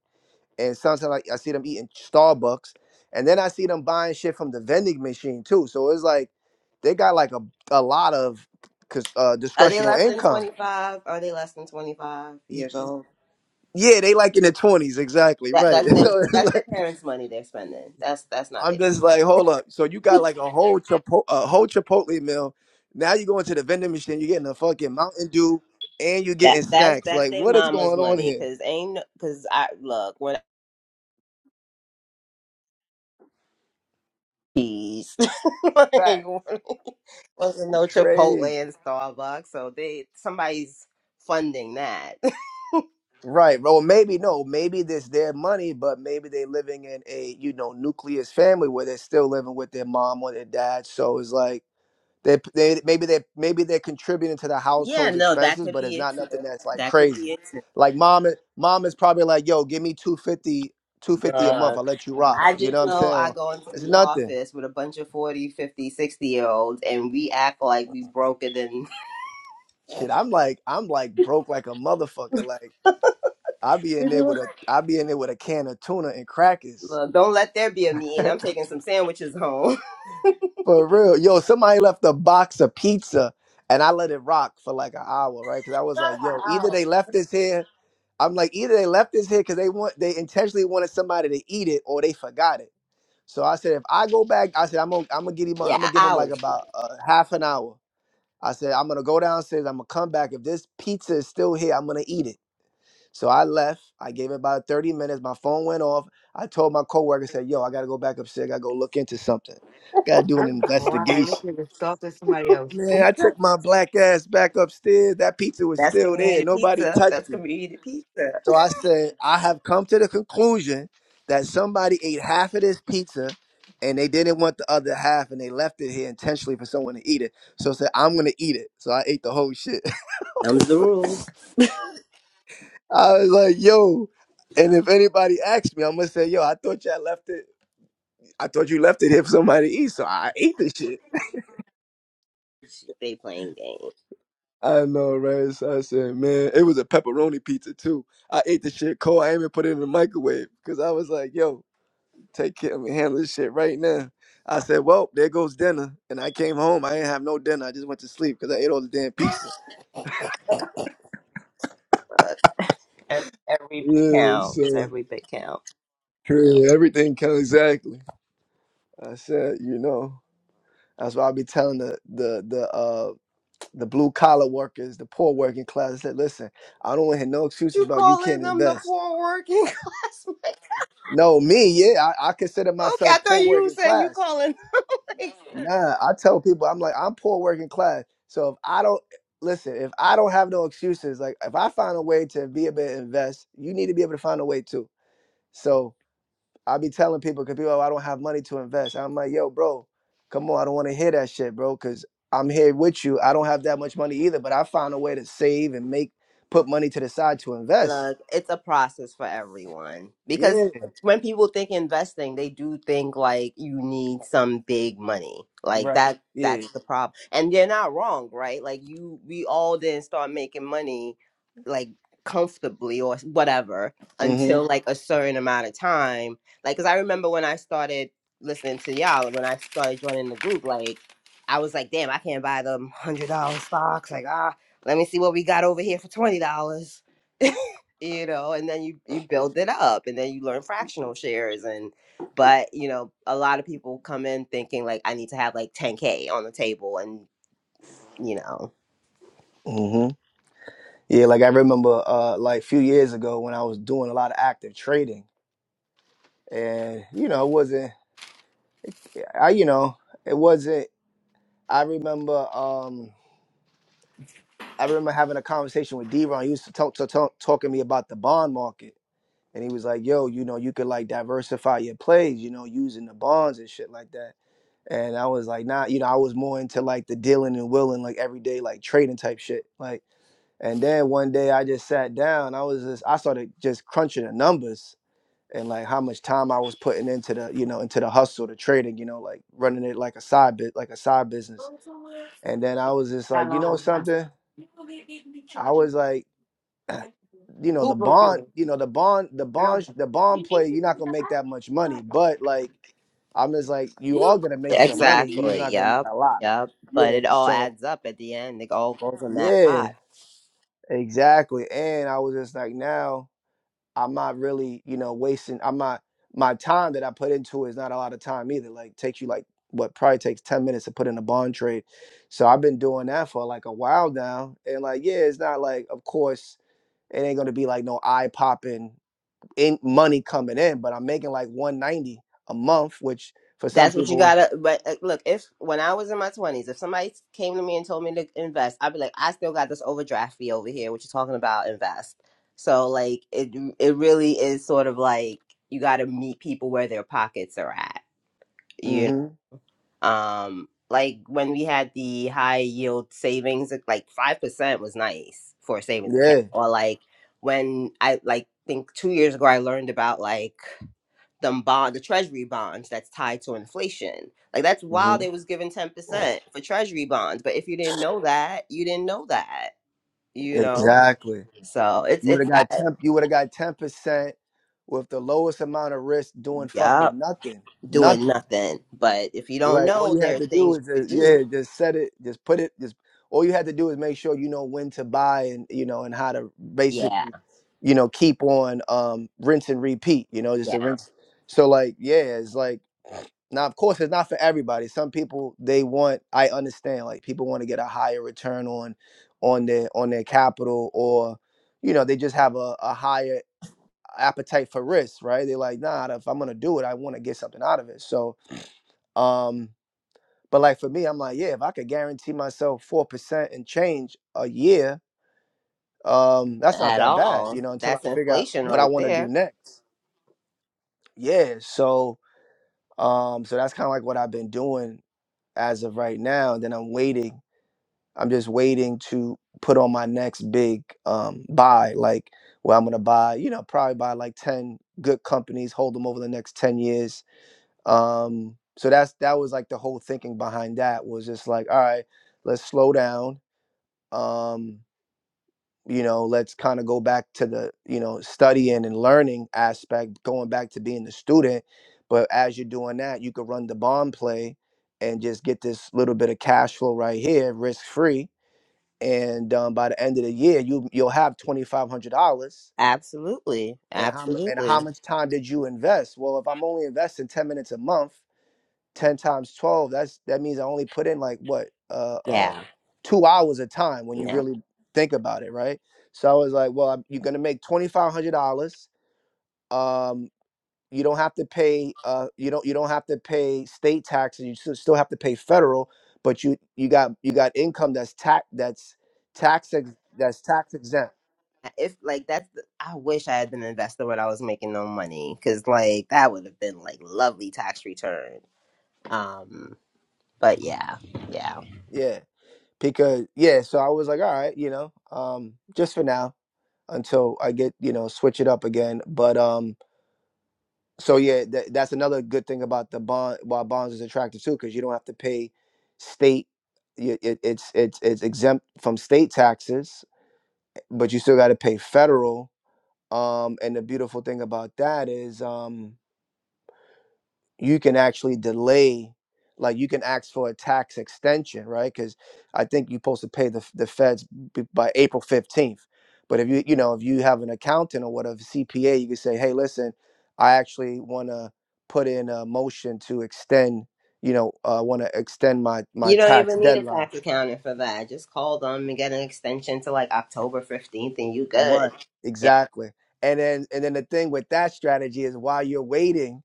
and sometimes like I see them eating Starbucks, and then I see them buying shit from the vending machine too. So it's like they got like a, a lot of cause uh Are they discretional less than income. twenty five? Are they less than twenty five Y- years old? Yeah, they like in the twenties exactly That, right. that's them. So it's That's their like, parents' money they're spending. That's that's not I'm their. just like, hold up. So you got like a whole Chipo- a whole Chipotle meal. Now you go into the vending machine, you're getting a fucking Mountain Dew, and you're That getting that's snacks. that's Like, their what is mama's going on money. here? Cause ain't no- cause I look when. cheese. like, Back it wasn't no crazy. Chipotle and Starbucks, so they somebody's funding that. Right. Well, maybe no. Maybe there's their money, but maybe they're living in a you know nucleus family where they're still living with their mom or their dad. So it's like they they maybe they maybe they're contributing to the yeah, household's no, that expenses, could but be it's it not too. nothing that's like That could crazy. be it Like mom, is- mom is probably like, "Yo, give me two fifty, two too. fifty a month. Uh, I'll let you rock." I You know just what I'm know saying? I Or, go into it's the nothing. office with a bunch of 40, 50, sixty year olds and we act like we broke it and Shit, I'm like I'm like broke like a motherfucker. Like I be in there with a I be in there with a can of tuna and crackers. look, don't let there be a meeting. I'm taking some sandwiches home. For real. Yo, somebody left a box of pizza and I let it rock for like an hour, right? Because I was like, yo, either they left this here. I'm like, either they left this here because they want they intentionally wanted somebody to eat it or they forgot it. So I said, if I go back, I said, I'm gonna I'm gonna get him Yeah, I'm gonna give him I like was good. about uh, half an hour. I said, I'm gonna go downstairs, I'm gonna come back. If this pizza is still here, I'm gonna eat it. So I left. I gave it about 30 minutes. My phone went off. I told my coworker, said, yo, I gotta go back upstairs, I gotta go look into something. Gotta do an I'm crying. This investigation. nigga stalking somebody else. Man, I Pizza? took my black ass back upstairs. That pizza was That's still there. community Nobody pizza. touched That's it. community pizza. So I said, I have come to the conclusion that somebody ate half of this pizza and they didn't want the other half and they left it here intentionally for someone to eat it. So I said, I'm going to eat it. So I ate the whole shit. Them's the rules. I was like, yo. And if anybody asks me, I'm going to say, yo, I thought y'all left it. I thought you left it here for somebody to eat. So I ate the shit. They playing games. I know, right? So I said, man, it was a pepperoni pizza too. I ate the shit cold. I ain't even put it in the microwave because I was like, yo, take care of me, handle this shit right now. I said, well, there goes dinner. And I came home. I didn't have no dinner. I just went to sleep because I ate all the damn pizza. Look, ev- Every bit Yeah, counts. so Every bit counts. yeah, everything counts exactly. I said, you know, that's why I be telling the the the uh the blue collar workers, the poor working class. I said, listen, I don't want to hear no excuses You about you calling can't them the invest. poor working class? No, me, yeah, I, I consider Okay, myself I thought poor you working said you class. calling. Like, Nah, I tell people I'm like I'm poor working class. So if I don't listen, if I don't have no excuses, like if I find a way to be able to invest, you need to be able to find a way too. So I be telling people because people, oh, I don't have money to invest. I'm like, yo, bro, come on, I don't want to hear that shit, bro, because I'm here with you. I don't have that much money either, but I found a way to save and make put money to the side to invest. Look, it's a process for everyone because Yeah, when people think investing, they do think like you need some big money. Like right. that Yeah. that's the problem. And they're not wrong, right? Like you we all didn't start making money like comfortably or whatever until like a certain amount of time. Like cuz I remember when I started listening to y'all, when I started joining the group, like I was like, "Damn, I can't buy them $100 stocks." Like, "Ah, let me see what we got over here for $20." you know and then you you build it up and then you learn fractional shares and but you know a lot of people come in thinking like i need to have like 10k on the table and you know Mm-hmm. Yeah, like I remember uh like a few years ago when I was doing a lot of active trading and you know, it wasn't I you know, it wasn't I remember um I remember having a conversation with D-Ron. He used to talk, to talk talking to me about the bond market. And he was like, yo, you know, you could like diversify your plays, you know, using the bonds and shit like that. And I was like, nah, you know, I was more into like the dealing and willing, like everyday like trading type shit. Like and then one day I just sat down. I was just I started just crunching the numbers and like how much time I was putting into the you know into the hustle, the trading, you know, like running it like a side bit, like a side business. And then I was just like, you know something, I was like, you know, Who the broke bond, you? you know, the bond, the bond, the bond play, you're not gonna make that much money, but like I'm just like, you are gonna make some money, you're just exactly not gonna make yep a lot. yep but Yeah. it all So adds up at the end it all goes in that yeah, pot exactly. And I was just like, now. I'm not really, you know, wasting. I'm not my time that I put into it is not a lot of time either. Like takes you like what probably takes ten minutes to put in a bond trade. So I've been doing that for like a while now, and like yeah, it's not like of course it ain't gonna be like no eye popping in money coming in, but I'm making like one ninety a month, which for some That's what you people, gotta. But uh, look, if when I was in my twenties, if somebody came to me and told me to invest, I'd be like, I still got this overdraft fee over here. What you talking about? Invest. So like, it it really is sort of like you got to meet people where their pockets are at. You mm-hmm, um like when we had the high yield savings, it- like five percent was nice for a savings account. yeah, Or like when I like think two years ago, I learned about like the bond, the treasury bonds that's tied to inflation. Like that's why mm-hmm, they was given 10% for treasury bonds. But if you didn't know that, you didn't know that, you know? exactly. So it's You would it's have got that ten. You would have got ten percent with the lowest amount of risk doing fucking yep, nothing. doing Nothing. nothing. But if you don't Like all know you there had are to do things is you could just, do. yeah, just set it, just put it, just all you had to do is make sure you know when to buy and you know and how to Yeah, basically, you know, keep on um rinse and repeat, you know, just the yeah. rinse. So like, yeah, it's like now of course it's not for everybody. Some people they want I understand, like people want to get a higher return on on their on their capital or you know, they just have a, a higher appetite for risk, right? They're like, nah, if I'm gonna do it, I wanna get something out of it. So um but like for me, I'm like, yeah, if I could guarantee myself four percent and change a year, um, that's not At that bad, all. you know, until I That's figure out inflation what I right want to do there. next. Yeah. So um, so that's kind of like what I've been doing as of right now. And then I'm waiting. I'm just waiting to put on my next big um buy, like where I'm gonna buy, you know, probably buy like 10 good companies, hold them over the next 10 years. Um, so that's that was like the whole thinking behind that was just like, all right, let's slow down um you know let's kind of go back to the you know studying and learning aspect going back to being the student but as you're doing that you could run the bond play and just get this little bit of cash flow right here risk free and um, by the end of the year you you'll have $2500 Absolutely. and how mu- and how Absolutely. much time did you invest well if i'm only investing 10 minutes a month 10 times 12 that's that means i only put in like what uh uh Yeah. two hours of time when you Yeah. really think about it right so i was like well I'm, you're gonna make $2500 um you don't have to pay uh you don't you don't have to pay state taxes you still still have to pay federal but you you got you got income that's tax that's tax ex- that's tax exempt if like that's the, I wish I had been an investor when I was making no money because like that would have been like lovely tax return. Um, but yeah, yeah. yeah because yeah so i was like all right you know um just for now until I get you know switch it up again. But um, so yeah, that, that's another good thing about the bond. Why bonds is attractive too, because you don't have to pay state. y- It, it's it's it's exempt from state taxes, but you still got to pay federal. Um, and the beautiful thing about that is um, you can actually delay like you can ask for a tax extension right because i think you're supposed to pay the, the feds b- by april 15th but if you you know if you have an accountant or whatever cpa you can say hey listen i actually want to put in a motion to extend you know i want to extend my my You don't tax even need a deadline tax accountant for that. Just call them and get an extension to like October fifteenth, and you good. right Yeah, exactly and then and then the thing with that strategy is while you're waiting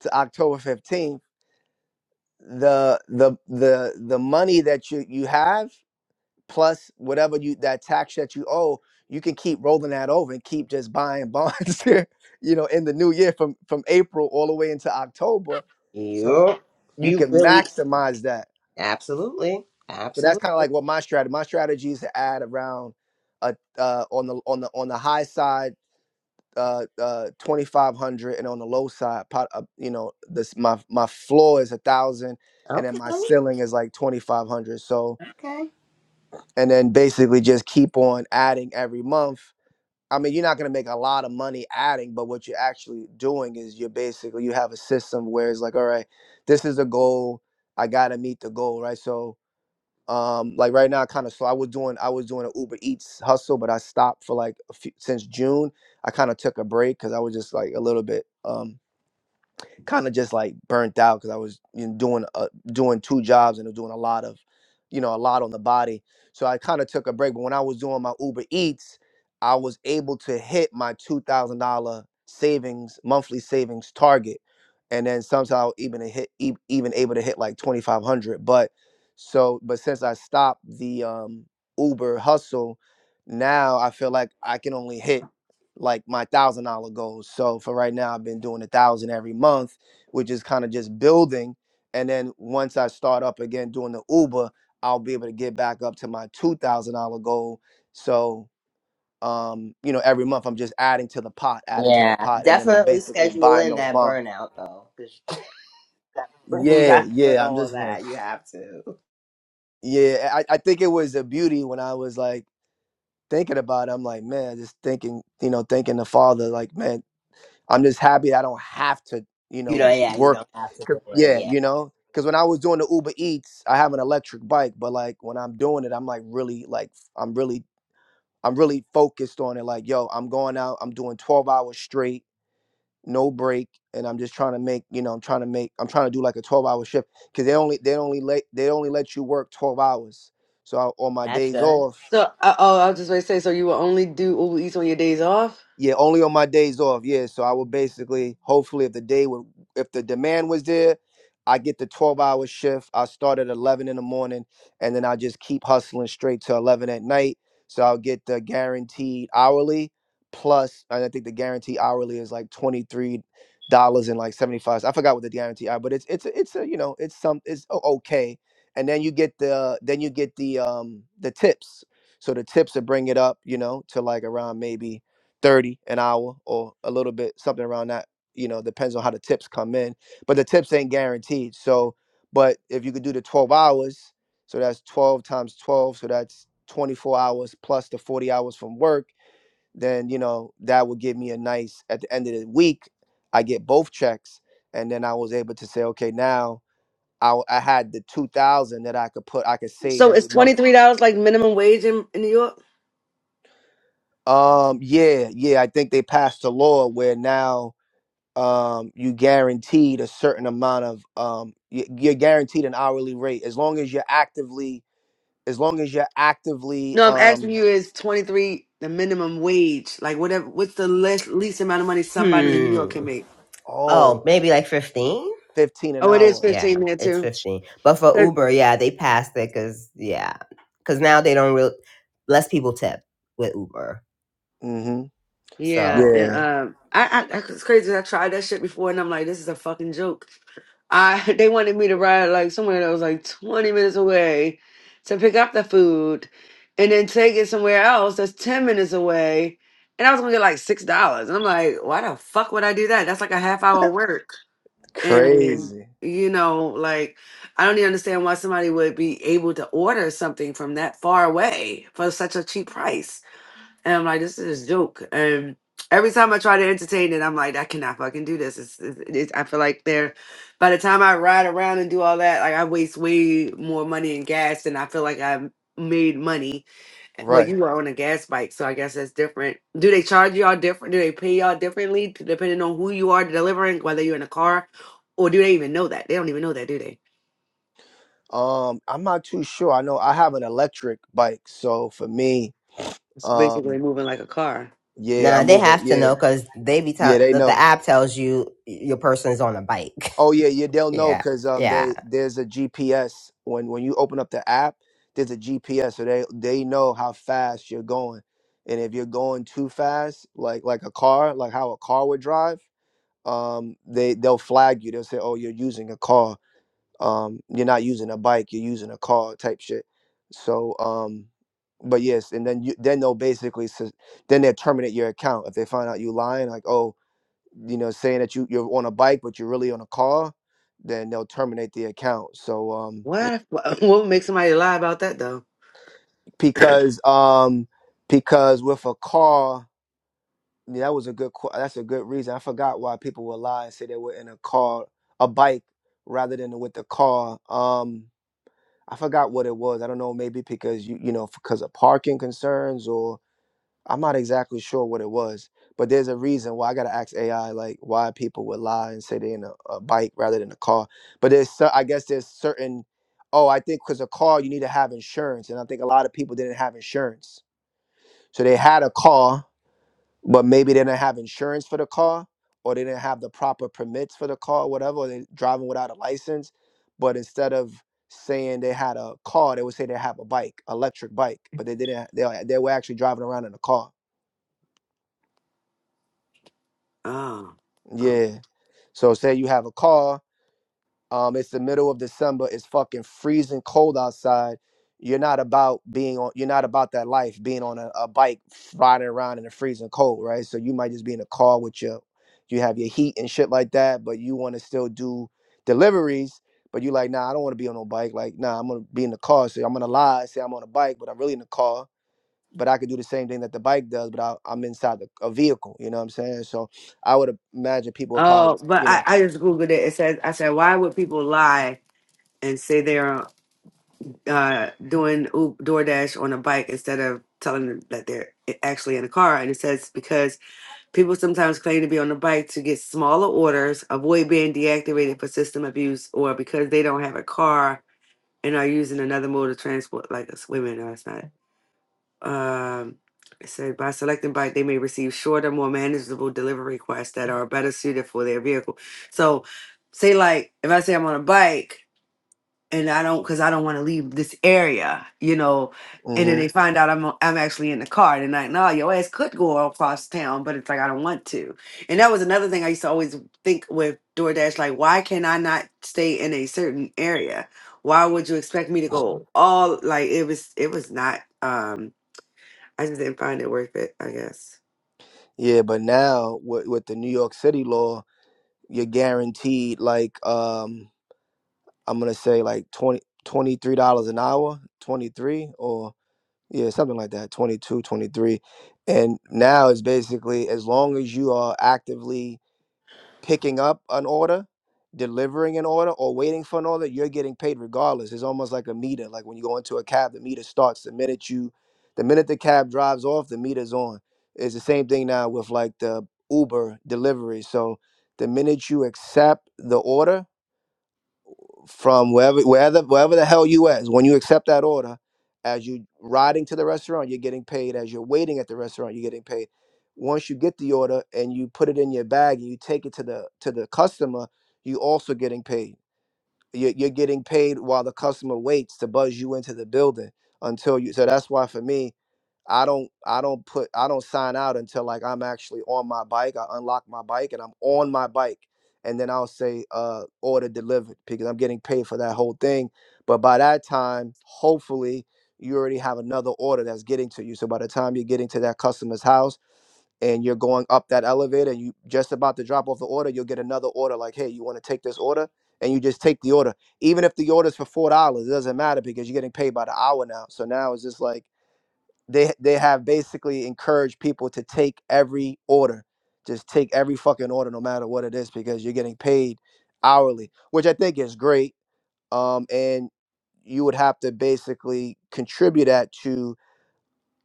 to october 15th the the the the money that you you have plus whatever you that tax that you owe you can keep rolling that over and keep just buying bonds here, you know in the new year from from april all the way into october so you you you can really maximize that absolutely so that's absolutely kind of like what my strategy my strategy is to add around a uh on the on the on the high side uh, uh, 2500 and on the low side pot, uh, you know this my my floor is a thousand and then okay my ceiling is like 2500 so okay and then basically just keep on adding every month i mean you're not going to make a lot of money adding but what you're actually doing is you're basically you have a system where it's like all right this is the goal i got to meet the goal right so um like right now kind of slow i was doing i was doing an uber eats hustle but i stopped for like a few, since june i kind of took a break because i was just like a little bit um kind of just like burnt out because I was you know, doing uh, doing two jobs and doing a lot of, you know, a lot on the body. So I kind of took a break. But when I was doing my Uber Eats, I was able to hit my two thousand dollar savings monthly savings target, and then somehow even a hit e- even able to hit like twenty five hundred. But so but since I stopped the um, Uber hustle, now I feel like I can only hit like my thousand dollar goals. So for right now, I've been doing a thousand every month which is kind of just building. And then once I start up again doing the Uber, I'll be able to get back up to my two thousand dollar goal. So um, you know, every month I'm just adding to the pot, adding to the yeah pot, and then I'm definitely basically schedule buying in those that bonds. burnout though because you Yeah, got with yeah. I'm all of just like, that you have to. yeah. I, I think it was the beauty when I was like thinking about it. I'm like, man, just thinking, you know, thinking the father, like, man. I'm just happy that I don't have to, you You know, know, yeah, you work. don't have to 'cause- do it. Yeah, Yeah, you know, because when I was doing the Uber Eats, I have an electric bike, but like when I'm doing it, I'm like really, like I'm really, I'm really focused on it. Like, yo, I'm going out, I'm doing 12 hours straight, no break, and I'm just trying to make, you know, I'm trying to make, I'm trying to do like a 12 hour shift because they only, they only let, they only let you work 12 hours. So I, on my that's days good. off, So, uh, oh, I was just going to say, so you will only do Uber Eats on your days off? Yeah, only on my days off. Yeah, so I would basically, hopefully, if the day would, if the demand was there, I get the twelve-hour shift. I start at eleven in the morning, and then I just keep hustling straight to eleven at night. So I'll get the guaranteed hourly plus, and I think the guaranteed hourly is like twenty-three dollars and like seventy-five. I forgot what the guarantee are, but it's it's a, it's a you know it's some it's o- okay. And then you get the then you get the um the tips. So the tips will bring it up, you know, to like around maybe. 30 an hour or a little bit something around that you know depends on how the tips come in but the tips ain't guaranteed so but if you could do the 12 hours so that's 12 times 12 so that's 24 hours plus the 40 hours from work then you know that would give me a nice at the end of the week i get both checks and then i was able to say okay now I I had the 2000 that i could put i could save So it's every month $23 like minimum wage in, in New York? um yeah yeah i think they passed a law where now um, you guaranteed a certain amount of um, y- you're guaranteed an hourly rate as long as you're actively as long as you're actively No, I'm asking um you is 23 the minimum wage? Like whatever, what's the least, least amount of money somebody in New York Hmm. can make? Oh, oh, maybe like 15? 15 an Oh, it is hour Yeah, 15 there it's too. 15. But for Uber, yeah, they passed it because, yeah, because now they don't real less people tip with Uber. mm-hmm Yeah, So, and, yeah um, I, I, I- it's crazy. I tried that shit before, and I'm like, this is a fucking joke. I, they wanted me to ride like somewhere that was like 20 minutes away to pick up the food, and then take it somewhere else that's 10 minutes away, and I was gonna get like six dollars. And I'm like, why the fuck would I do that? That's like a half hour work, and crazy you know, like, I don't even understand why somebody would be able to order something from that far away for such a cheap price and I'm like, this is a joke. And every time I try to entertain it, I'm like, I cannot fucking do this. It's, it's, it's, I feel like they're, by the time I ride around and do all that, like I waste way more money and gas than I feel like I made money well, right you were on a gas bike, so I guess that's different. Do they charge y'all different? Do they pay y'all differently t- depending on who you are delivering, whether you're in a car, or do they even know that? They don't even know that, do they? um i'm not too sure i know i have an electric bike so for me It's um basically moving like a car. yeah nah, i'm they moving have to yeah know because they be yeah tell they the, the know app tells you your person is on a bike. Oh yeah, yeah, they'll know yeah, because um, they yeah. there's a GPS when when you open up the app, there's a GPS, so they they know how fast you're going, and if you're going too fast, like like a car, like how a car would drive, um, they they'll flag you. They'll say, oh, you're using a car, um, you're not using a bike, you're using a car type shit. So um, but yes, and then you then they'll basically s- then they'll terminate your account if they find out you lying, like oh you know, saying that you you're on a bike but you're really on a car, then they'll terminate the account. So um, What? What would make somebody lie about that though? because um, because with a car, yeah, that was a good que- that's a good reason. I forgot why people would lie and say they were in a car, a bike rather than with the car. Um, I forgot what it was. I don't know, maybe because you you know because of parking concerns or. I'm not exactly sure what it was, but there's a reason why I gotta ask AI like why people would lie and say they're in a, a bike rather than a car. But there's cer- I guess there's certain oh I think because a car you need to have insurance, and I think a lot of people didn't have insurance, so they had a car, but maybe they didn't have insurance for the car, or they didn't have the proper permits for the car, or whatever. Or they driving without a license, but instead of saying they had a car, they would say they have a bike, electric bike, but they didn't. ha- They they were actually driving around in a car. Oh, oh. Yeah. So say you have a car, um, it's the middle of December, it's fucking freezing cold outside. You're not about being on you're not about that life, being on a, a bike riding around in the freezing cold, right? So you might just be in a car with your you have your heat and shit like that, but you want to still do deliveries, but you like, nah, I don't want to be on no bike. Like, nah, I'm gonna be in the car. So I'm gonna lie, say I'm on a bike, but I'm really in the car. But I could do the same thing that the bike does, but I, I'm inside the, a vehicle. You know what I'm saying? So I would imagine people are probably, Oh, but you I, know. I just googled it. It says I said, why would people lie and say they're uh, doing Uber, DoorDash on a bike instead of telling them that they're i- actually in a car? And it says because people sometimes claim to be on the bike to get smaller orders, avoid being deactivated for system abuse, or because they don't have a car and are using another mode of transport, like a women. No, it's not. Um, it said by selecting bike, they may receive shorter, more manageable delivery requests that are better suited for their vehicle. So, say like if I say I'm on a bike and I don't, because I don't want to leave this area, you know, and then mhm. they find out I'm uh, I'm actually in the car, and like, no, your ass could go all across town, but it's like I don't want to. And that was another thing I used to always think with DoorDash, like, why can I not stay in a certain area? Why would you expect me to go all like it was? It was not. um I just didn't find it worth it, I guess. Yeah, but now with, with the New York City law, you're guaranteed like um I'm gonna say like 20 23 dollars an hour, twenty three or yeah something like that, 22, 23, and now it's basically as long as you are actively picking up an order, delivering an order, or waiting for an order, you're getting paid regardless. It's almost like a meter. Like when you go into a cab, the meter starts the minute you, the minute the cab drives off, the meter's on. It's the same thing now with like the Uber delivery. So the minute you accept the order, from wherever wherever wherever the hell you is when you accept that order as you riding to the restaurant you're getting paid as you're waiting at the restaurant you're getting paid once you get the order and you put it in your bag and you take it to the to the customer you also getting paid you're, you're getting paid while the customer waits to buzz you into the building until you so that's why for me i don't i don't put i don't sign out until like i'm actually on my bike i unlock my bike and i'm on my bike and then i'll say uh order delivered because i'm getting paid for that whole thing but by that time hopefully you already have another order that's getting to you so by the time you're getting to that customer's house and you're going up that elevator and you just about to drop off the order, you'll get another order like, hey, you want to take this order? And you just take the order. Even if the order's for four dollars, it doesn't matter because you're getting paid by the hour now. So now it's just like they they have basically encouraged people to take every order. Just take every fucking order no matter what it is because you're getting paid hourly, which I think is great. Um and you would have to basically contribute that to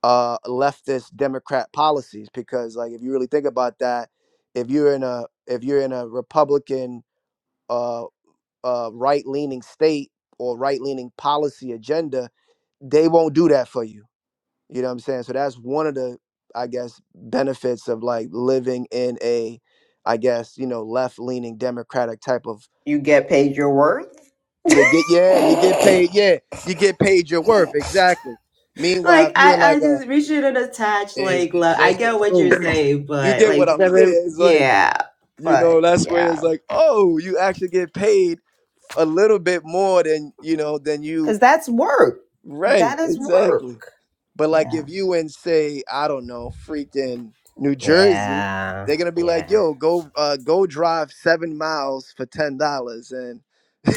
uh, leftist Democrat policies because, like, if you really think about that, if you're in a if you're in a Republican uh, uh, right leaning state or right leaning policy agenda, they won't do that for you. You know what I'm saying? So that's one of the I guess benefits of like living in a I guess you know left leaning Democratic type of You get paid your worth? you get yeah you get paid yeah you get paid your worth exactly. Meanwhile, Like if you in I, like I a just we shouldn't attach It's, like it's love. I just the get what you're truth. saying, You but get what like, I'm saying? It's like, yeah, you know, but that's where it's yeah, like, oh, you actually get paid a little bit more than, you know, than you. because that's work. Right, That is exactly. work. But like if Yeah, you in, say, I don't know, freaking New Jersey, yeah, they're gonna be like, yeah, yo, go uh, go drive seven miles for ten dollars and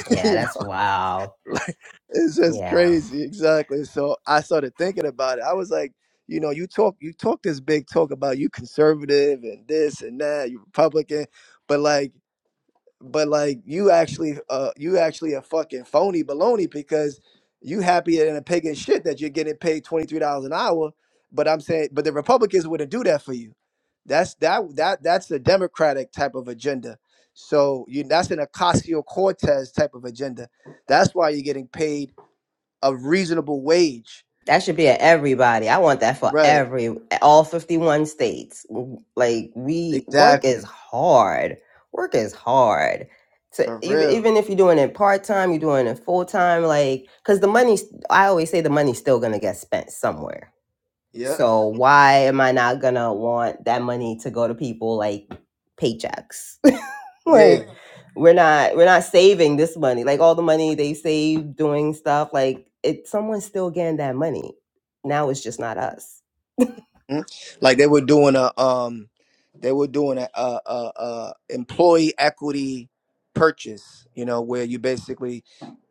yeah. you That's wild. Like it's just Yeah. crazy. Exactly. So I started thinking about it. I was like, you know, you talk you talk this big talk about you conservative and this and that, you Republican, but like but like you actually uh you actually a fucking phony baloney because you happier than a pig in shit that you're getting paid twenty three dollars an hour. But I'm saying, but the Republicans wouldn't do that for you. That's that that that's the Democratic type of agenda. So you that's an Ocasio Cortez type of agenda. That's why you're getting paid a reasonable wage. That should be at everybody. I want that for Right. every all 51 states. Like we work is Exactly. hard. Work is hard. So For even real. even if you're doing it part-time, you're doing it full-time like cuz the money's I always say the money's still going to get spent somewhere. Yep. So why am I not going to want that money to go to people like paychecks? Yeah. like we're not we're not saving this money like all the money they save doing stuff like it someone's still getting that money now it's just not us Mhm. Like they were doing a um, they were doing a, a, a, a employee equity purchase. You know, where you basically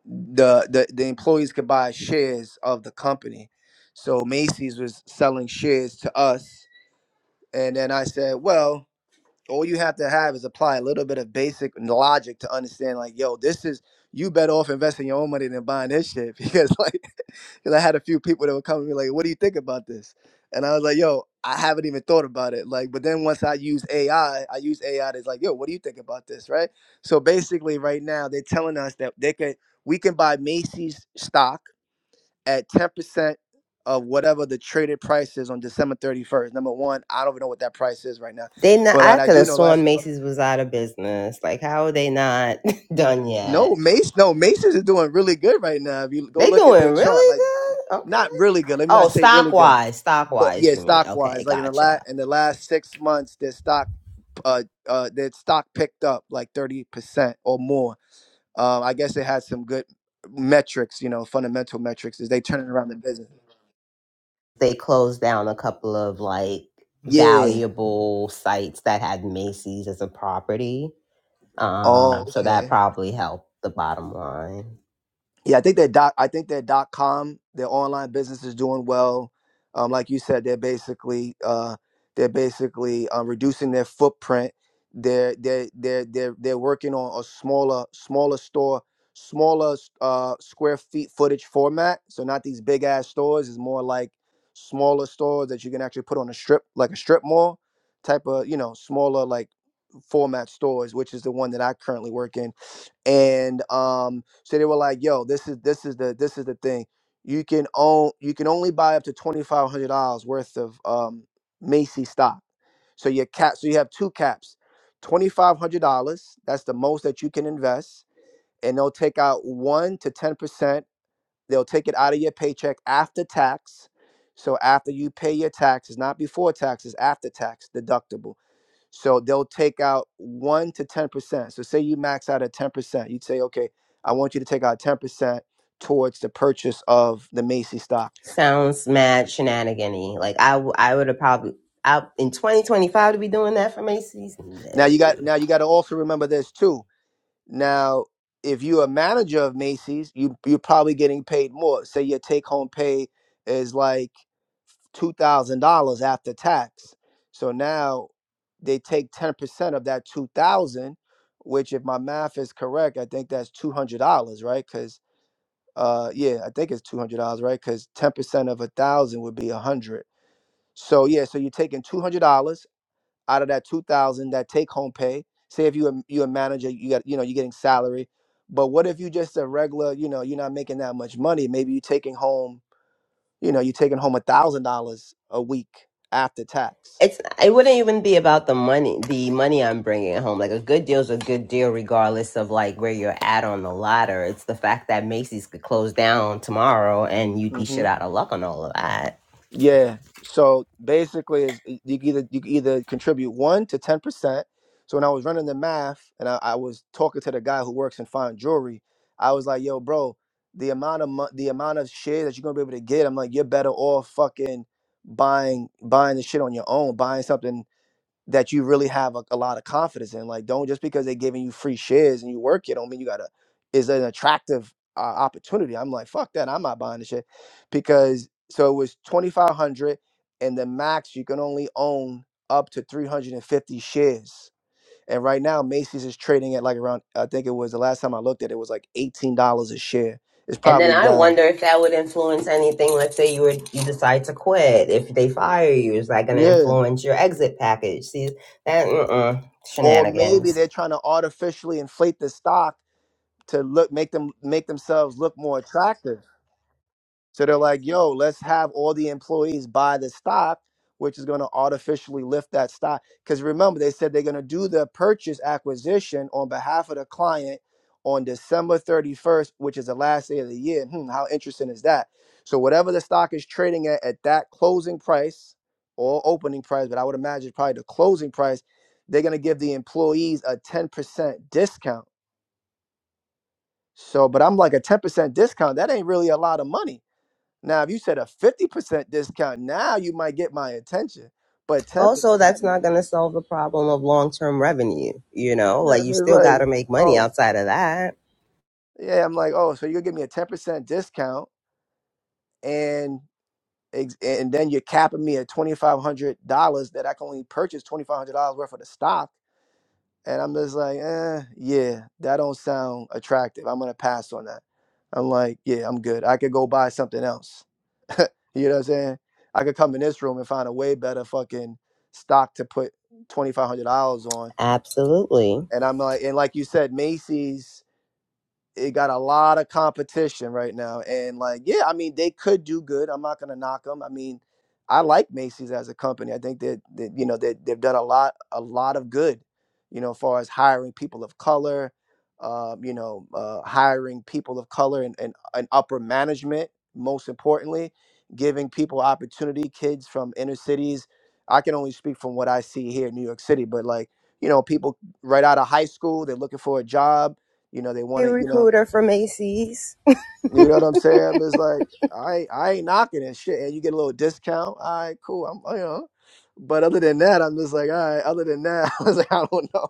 the, the the employees could buy shares of the company. So Macy's was selling shares to us, and then I said, well, all you have to have is apply a little bit of basic logic to understand, like, yo, this is you better off investing your own money than buying this shit because like because I had a few people that would come and be like, "What do you think about this?" And I was like, "Yo, I haven't even thought about it." Like, but then once I use AI, I I use AI that's like, "Yo, what do you think about this?" Right. So basically, right now they're telling us that they can we can buy Macy's stock at ten percent of whatever the traded price is on December thirty first. Number one, I don't even know what that price is right now, they not but i what I could do have know last sworn macy's was out of business like how are they not done no yet Mace no Macy's is doing really good right now. If you go they look at their doing chart, really good like. Okay. not really good. Let me not Oh, say really stock good, wise, stock but wise, yeah, you mean? stock wise, Okay, like in the last gotcha. in the last six months, their stock uh uh their stock picked up like thirty percent or more. Um, I guess they had some good metrics, you know, fundamental metrics. Is they turning around the business? They closed down a couple of like Yeah. valuable sites that had Macy's as a property. Oh, Um, so okay. that probably helped the bottom line. Yeah, I think that dot. I think that dot com, their online business is doing well. Um, like you said, they're basically uh, they're basically uh, reducing their footprint. They're they they're are they they are they're they're working on a smaller smaller store, smaller uh, square feet footage format. So not these big ass stores. It's more like smaller stores that you can actually put on a strip, like a strip mall type of you know smaller like format stores, which is the one that I currently work in and um so they were like yo this is this is the this is the thing you can own you can only buy up to $2500 worth of um macy's stock so your cap so you have two caps $2500 that's the most that you can invest and they'll take out 1 to 10% they'll take it out of your paycheck after tax so after you pay your taxes not before taxes after tax deductible so they'll take out one to ten percent. So say you max out at ten percent, you'd say, okay, I want you to take out ten percent towards the purchase of the Macy's stock. Sounds mad shenanigan y. Like I, w- I would have probably out in 2025 to be doing that for Macy's. Now you got No. now you got to also remember this too. Now if you're a manager of Macy's, you you're probably getting paid more. Say your take home pay is like two thousand dollars after tax. So now they take ten percent of that two thousand, which if my math is correct, I think that's two hundred dollars, right? Because uh yeah i think it's $200 right because 10% of a thousand would be a 100 so yeah so you're taking $200 out of that 2000 that take home pay say if you a, you a manager you got you know you're getting salary but what if you just a regular you know you're not making that much money maybe you're taking home you know you're taking home a thousand dollars a week after tax it's it wouldn't even be about the money the money i'm bringing home like a good deal's a good deal regardless of like where you're at on the ladder it's the fact that macy's could close down tomorrow and you'd be shit Mm-hmm. out of luck on all of that Yeah. So basically, is you can either you can either contribute one to ten percent. So when I was running the math and I, I was talking to the guy who works in fine jewelry, I was like, "Yo, bro, the amount of mo- the amount of shit that you're gonna be able to get, I'm like, you're better off fucking buying buying the shit on your own, buying something that you really have a, a lot of confidence in. Like, don't just because they're giving you free shares and you work it, don't mean you gotta is an attractive uh, opportunity. I'm like, fuck that, I'm not buying this shit because so it was twenty five hundred, and the max you can only own up to three hundred and fifty shares. And right now, Macy's is trading at like around. I think it was the last time I looked at it was like eighteen dollars a share. It's and then probably i down. wonder if that would influence anything let's say you were you decide to quit if they fire you is that going to Yeah, influence your exit package see that uh-uh, or maybe shenanigans they're trying to artificially inflate the stock to look make them make themselves look more attractive. So they're like, yo, let's have all the employees buy the stock, which is going to artificially lift that stock. Because remember, they said they're going to do the purchase acquisition on behalf of the client on December 31st, which is the last day of the year. Hmm, how interesting is that? So, whatever the stock is trading at at that closing price or opening price, but I would imagine probably the closing price, they're going to give the employees a 10% discount. So, but I'm like, a 10% discount, that ain't really a lot of money now, if you said a 50% discount, now you might get my attention. But 10%, also that's not going to solve the problem of long-term revenue you know yeah, I like you mean, still got like, to make money oh, outside of that yeah, I'm like, oh, so you're gonna give me a 10% discount and ex- and then you're capping me at $2,500 that I can only purchase $2,500 worth of the stock. And I'm just like, eh, yeah, that don't sound attractive. I'm gonna pass on that. I'm like, yeah, I'm good. I could go buy something else. You know what I'm saying? I could come in this room and find a way better fucking stock to put twenty five hundred dollars on. Absolutely. And I'm like, and like you said, Macy's it got a lot of competition right now. And like, yeah, I mean, they could do good. I'm not gonna knock them. I mean, I like Macy's as a company. I think that, that you know that they've done a lot, a lot of good. You know, as far as hiring people of color, um, you know, uh, hiring people of color and, and and upper management. Most importantly, giving people opportunity. Kids from inner cities. I can only speak from what I see here in New York City, but like, you know, people right out of high school, they're looking for a job you know they want a to you know recruiter for Macy's. you know what I'm saying? It's like I ain't- I ain't knocking and shit, and you get a little discount. All right, cool. I'm you know, but other than that, I'm just like all right. Other than that, I was like I don't know.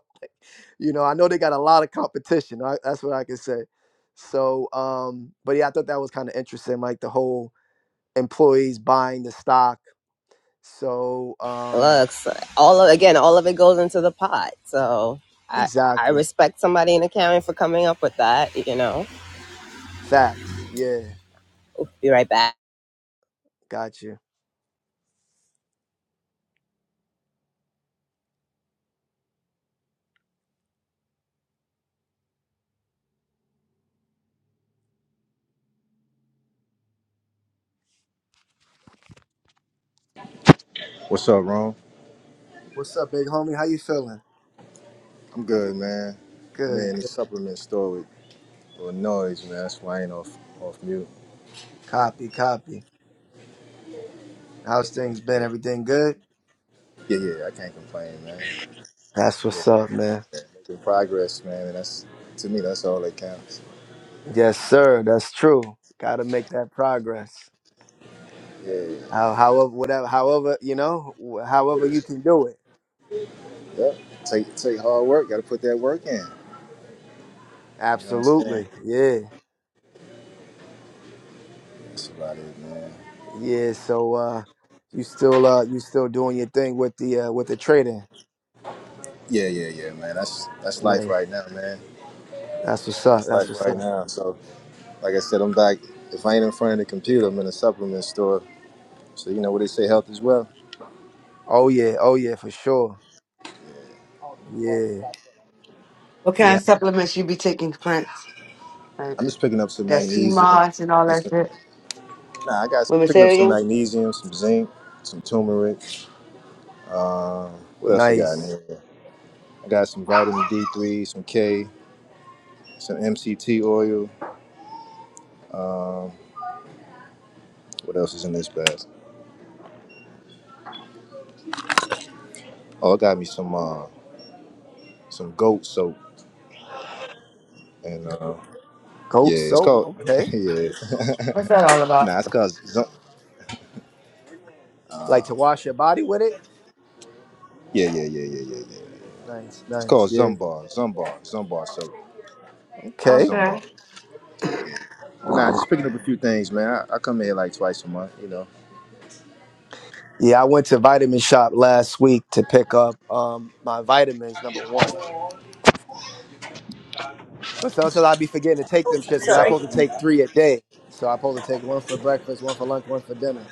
You know, I know they got a lot of competition. I, that's what I can say. So, um, but yeah, I thought that was kind of interesting, like the whole employees buying the stock. So, um, Looks all of, again, all of it goes into the pot. So I, I exactly respect somebody in accounting for coming up with that. You know, facts. Yeah, be right back. got you. What's up, Rome? What's up, big homie? How you feeling? I'm good, man. I'm Good, in the good. supplement store with, with noise, man. That's why I ain't off off mute. Copy, copy. How's things been? Yeah, Everything good? yeah, yeah, I can't complain, man. That's Yeah, what's up, man. yeah, making progress, man, and that's to me that's all that counts. Yes, sir. That's true. Got to make that progress. Yeah, yeah. How, however, whatever, however, you know, wh- however you can do it. Yep. Take take hard work. Got to put that work in. You know what I'm saying? Absolutely. Yeah. That's about it, man. Yeah. So, uh, you still, uh, you still doing your thing with the, uh, with the trading. Yeah, yeah, yeah, man. That's that's life Nice. right now, man. That's what's up. That's That's life what's right up. now. So, like I said, I'm back. If I ain't in front of the computer, I'm in a supplement store. So you know what they say, health is wealth. Oh yeah. Oh yeah. For sure. Yeah. What kind Yeah. of supplements you be taking, Prince? Like I'm just picking up some that sea magnesium. moss and all And that some, shit? nah, I got Women picking say up it some again? magnesium, some zinc, some turmeric. Um, what else I got in Nice. here? I got some vitamin D3, some K, some MCT oil. Um, what else is in this bag? Oh, I got me some uh, some goat soap and. uh, Goat Yeah, it's soap. called. Okay. yeah. What's that all about? nah, it's called. Zum- Like to wash your body with it. yeah, yeah, yeah, yeah, yeah, yeah. Nice. It's Nice. called Yeah. Zumbar, Zumbar, Zumbar. So Okay. Zumbar. Okay. But nah, just picking up a few things, man. I, I come here like twice a month, you know. Yeah, I went to Vitamin Shop last week to pick up um my vitamins, number one. But sometimes i be forgetting to take them shits because I'm supposed to take three a day. So I'm supposed to take one for breakfast, one for lunch, one for dinner.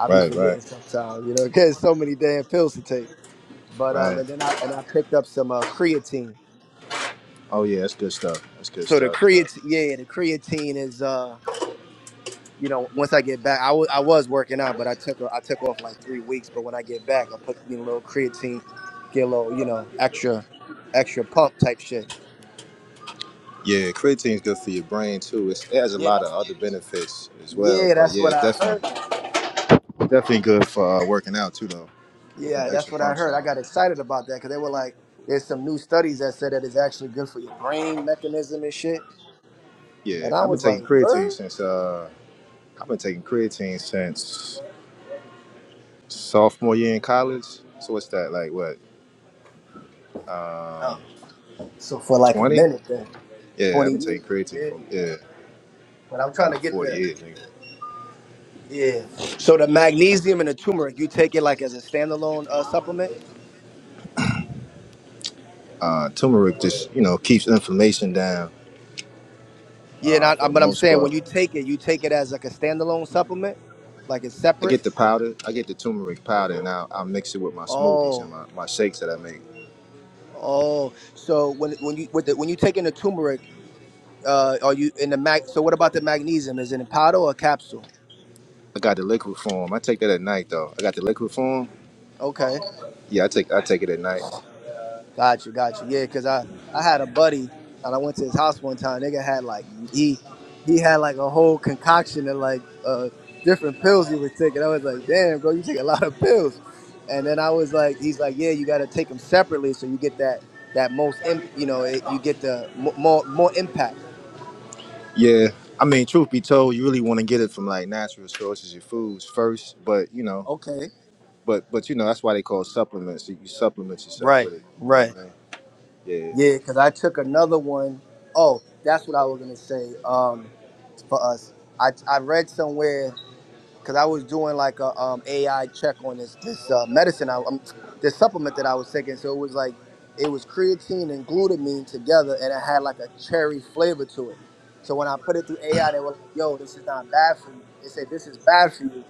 i be Right, right, forgetting sometimes, you know, because so many damn pills to take. But um, right. and then I and I picked up some uh, creatine. Oh yeah, that's good stuff. That's good So the stuff. creatine, yeah, the creatine is uh you know, once I get back, I wa- I was working out, but I took a, I took off like three weeks. But when I get back, I put you know, a little creatine, get a little you know extra extra pump type shit. Yeah, creatine's good for your brain too. It's, it has a Yeah, lot of that's other benefits as well. yeah, But that's yeah, what it's I heard. definitely definitely good for uh, working out too, though. Get them Yeah, that's extra what I pumps heard. in. I got excited about that because they were like, there's some new studies that said that it's actually good for your brain mechanism and shit. Yeah, And I I've been was like, taking creatine word. since uh, I've been taking creatine since Sophomore year in college. So what's that like? What? Uh, Um, so for like a twenty? minute then, Yeah, twenty I've been years, taking creatine yeah. for yeah, But I'm I trying know to get forty the years. Nigga. yeah. So the magnesium and the turmeric, you take it like as a standalone uh, supplement. Uh, turmeric just you know keeps inflammation down Yeah, uh, not, for the but I'm most saying when part. you take it, you take it as like a standalone supplement, like it's I separate. get the powder. I get the turmeric powder, and I'll, I'll mix it with my smoothies and Oh, my, my shakes that I make. oh. So when when you with the, when you taking the turmeric, uh, are you in the mag? So what about the magnesium? Is it in powder or capsule? I got the liquid form. I take that at night though. I got the liquid form. Okay. Yeah, I take I take it at night. Gotcha, gotcha. Yeah, because I I had a buddy and I went to his house one time. Nigga had like he he had like a whole concoction of like uh different pills he would take, and I was like, damn, bro, you take a lot of pills. And then I was like, he's like, yeah, you got to take them separately so you get that that most im- you know it, you get the mo- more more impact. Yeah. I mean, truth be told, you really want to get it from like natural sources, your foods first. But you know, Okay. But but you know that's why they call supplements. You, you supplement yourself Right. with it. You know Right. what I mean? Yeah, Yeah, because I took another one. Oh, that's what I was gonna say. Um, for us, I I read somewhere. because I was doing like a um, AI check on this this uh, medicine, I, um, this supplement that I was taking. So it was like it was creatine and glutamine together, and it had like a cherry flavor to it. So when I put it through AI, they were like, "Yo, this is not bad for you." They said, "This is bad for you,"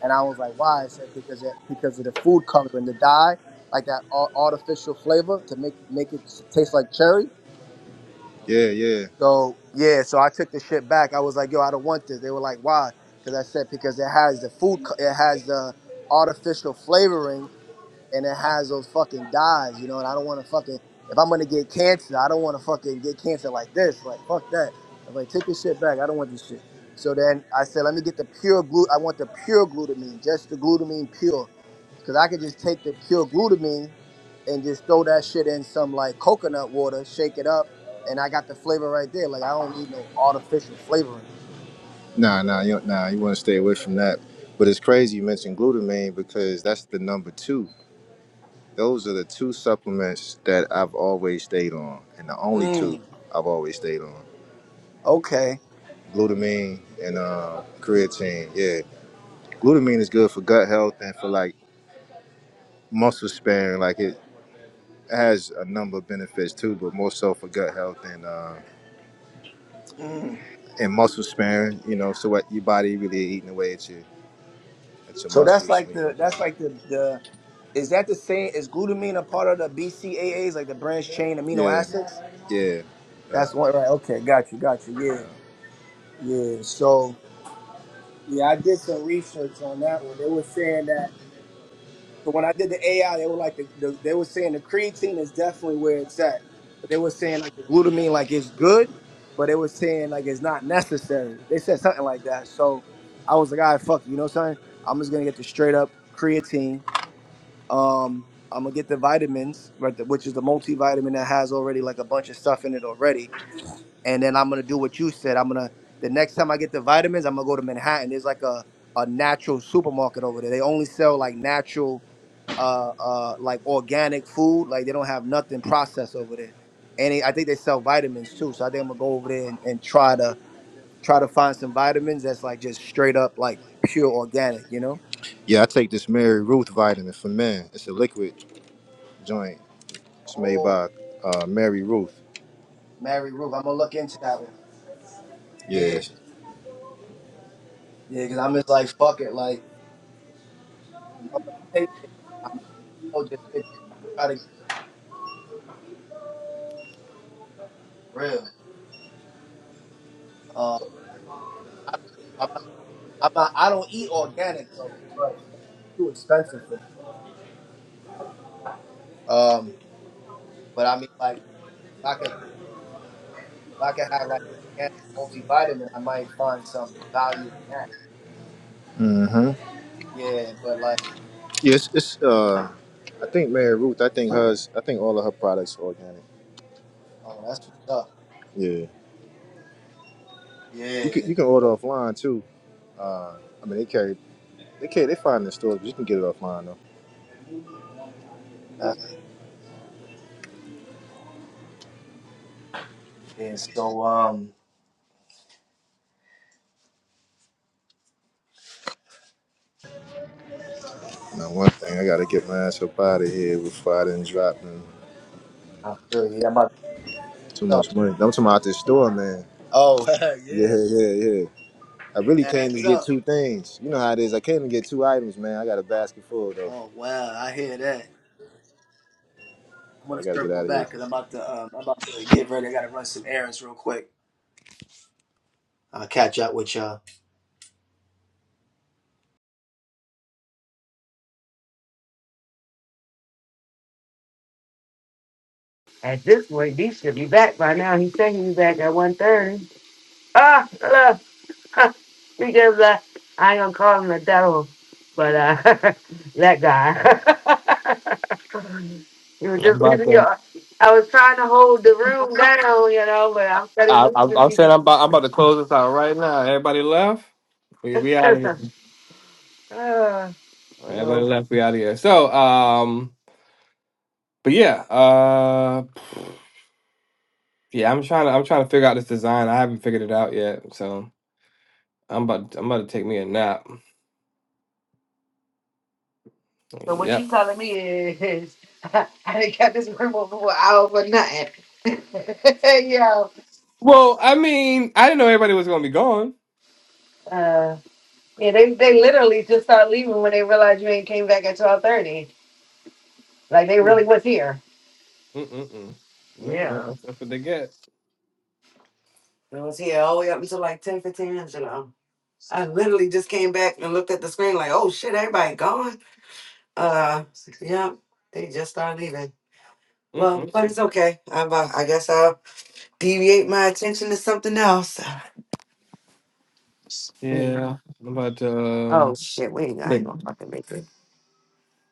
and I was like, "Why?" I said, "Because it, because of the food coloring, the dye, like that ar- artificial flavor to make make it s- taste like cherry." yeah, yeah. So yeah, so I took the shit back. I was like, yo, I don't want this. They were like, why? Because I said because it has the food, co- it has the artificial flavoring, and it has those fucking dyes, you know. And I don't want to fucking if I'm gonna get cancer, I don't want to fucking get cancer like this. Like fuck that. I'm like, take this shit back. I don't want this shit. So then I said, let me get the pure glut. I want the pure glutamine, just the glutamine pure. Cause I could just take the pure glutamine and just throw that shit in some like coconut water, shake it up, and I got the flavor right there. Like I don't need no artificial flavoring. Nah, nah, you nah. You want to stay away from that. But it's crazy you mentioned glutamine because that's the number two. Those are the two supplements that I've always stayed on, and the only two Mm. I've always stayed on: Okay. glutamine and uh, creatine. Yeah, glutamine is good for gut health and for like muscle sparing. Like it has a number of benefits too, but more so for gut health and. uh, Mm. and muscle sparing, you know, so what your body really eating away at your at your So that's muscles like when you're the working that's out. like the the is that the same is glutamine a part of the BCAAs like the branched chain amino Yeah, acids? yeah. That's one right. Okay, got you, got you. Yeah, yeah. So yeah, I did some research on that one. They were saying that. So when I did the AI, they were like the, the they were saying the creatine is definitely where it's at, but they were saying like the glutamine like it's good, but they were saying like it's not necessary. They said something like that. So I was like, all right, fuck it, you know what I'm saying? I'm just gonna get the straight up creatine. Um, I'm gonna get the vitamins, right, the- which is the multivitamin that has already like a bunch of stuff in it already, and then I'm gonna do what you said. I'm gonna the next time I get the vitamins, I'm gonna go to Manhattan. There's like a a natural supermarket over there. They only sell like natural uh, uh, like organic food. Like they don't have nothing processed over there, and they, I think they sell vitamins too. So I think I'm gonna go over there and, and try to try to find some vitamins that's like just straight up like pure organic. You know? Yeah, I take this Mary Ruth vitamin for men. It's a liquid joint. It's made Oh, by uh, Mary Ruth. Mary Ruth, I'm gonna look into that one. Yeah, Yes. yeah, because I'm just like fuck it, like I'm gonna take it. I'm gonna just get, try to get real. Uh, I, I'm not, I'm not, I don't eat organic though, but you know, it's too expensive for me. Um, but I mean like. if I could If I could have like an organic multivitamin, I might find some value in that. Mm-hmm. Yeah, but like, Yes, it's uh I think Mary Ruth, I think hers I think all of her products are organic. oh, that's what's up. Yeah. You Yeah, can you can order offline too. I mean they carry they carry they find it in stores, but you can get it offline though. that's yeah. So um, Now one thing I gotta get my ass up out of here before I didn't drop them. I feel you. I'm about to Too so. much money. I'm talking about this store, man. Oh Yeah, yeah, yeah, yeah. I really came to adds get up. two things. You know how it is. I came to get two items, man. I got a basket full though. Oh wow, I hear that. I'm Yeah, gonna I gotta get circle out of here. back because I'm about to um, I'm about to get ready. I gotta run some errands real quick. I'll catch up with y'all. At this point, these should be back by now. He said he'd be back at one thirty. Ah, hello. Ha, because uh, I ain't gonna call him the devil, but uh, that guy. he was I'm just about leaving to. your... I was trying to hold the room down, you know, but I'm studying I, I'm, I'm music. saying I'm about, I'm about to close this out right now. Everybody left. We, we out of here. Uh, All you right, know. Everybody left. We out of here. So, um, but yeah, uh, yeah, I'm trying to, I'm trying to figure out this design. I haven't figured it out yet. So I'm about, I'm about to take me a nap. So what you Yep. telling me is I didn't got this room open for an hour for nothing. Yo, Well, I mean, I didn't know everybody was gonna be gone. uh, yeah, they, they literally just start leaving when they realize you ain't came back at twelve thirty. Like they really was here. Mm-mm-mm. Well, that, Yeah, that's, that's what they get. it was here all the way up until like ten fifteen. You know, I literally just came back and looked at the screen like, oh shit, everybody gone. Uh, yeah, they just started leaving. Well, Mm-mm. but it's okay. I'm, uh, I guess I'll deviate my attention to something else. Yeah, but Oh um, shit, we ain't, I like, ain't gonna fucking make it.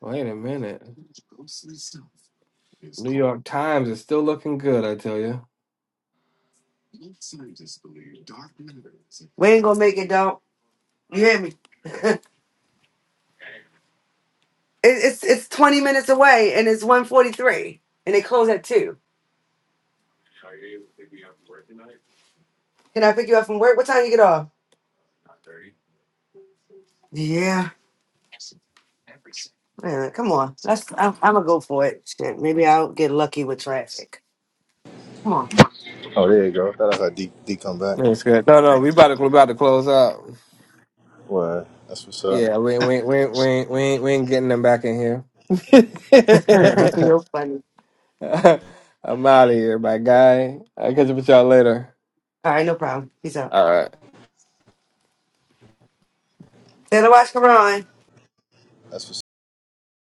wait a minute. New York Times is still looking good, I tell you. We ain't gonna make it, don't. You hear me? it, it's it's twenty minutes away, and it's one forty three, and they close at two. Can I pick you up from work? What time you get off? Yeah, man, come on. That's I'm, I'm gonna go for it. Shit, maybe I'll get lucky with traffic. Come on, Oh, there you go. Thought I heard D, D come back. That's good. No, no, we about to we about to close up. Well, that's what's up. Yeah, we ain't- we ain't- we ain't- we ain't- we ain't, we ain't getting them back in here. that's real funny. I'm out of here, my guy. I catch up with y'all later. All right, no problem. Peace out. All right. Say the watch Quran. That's what's.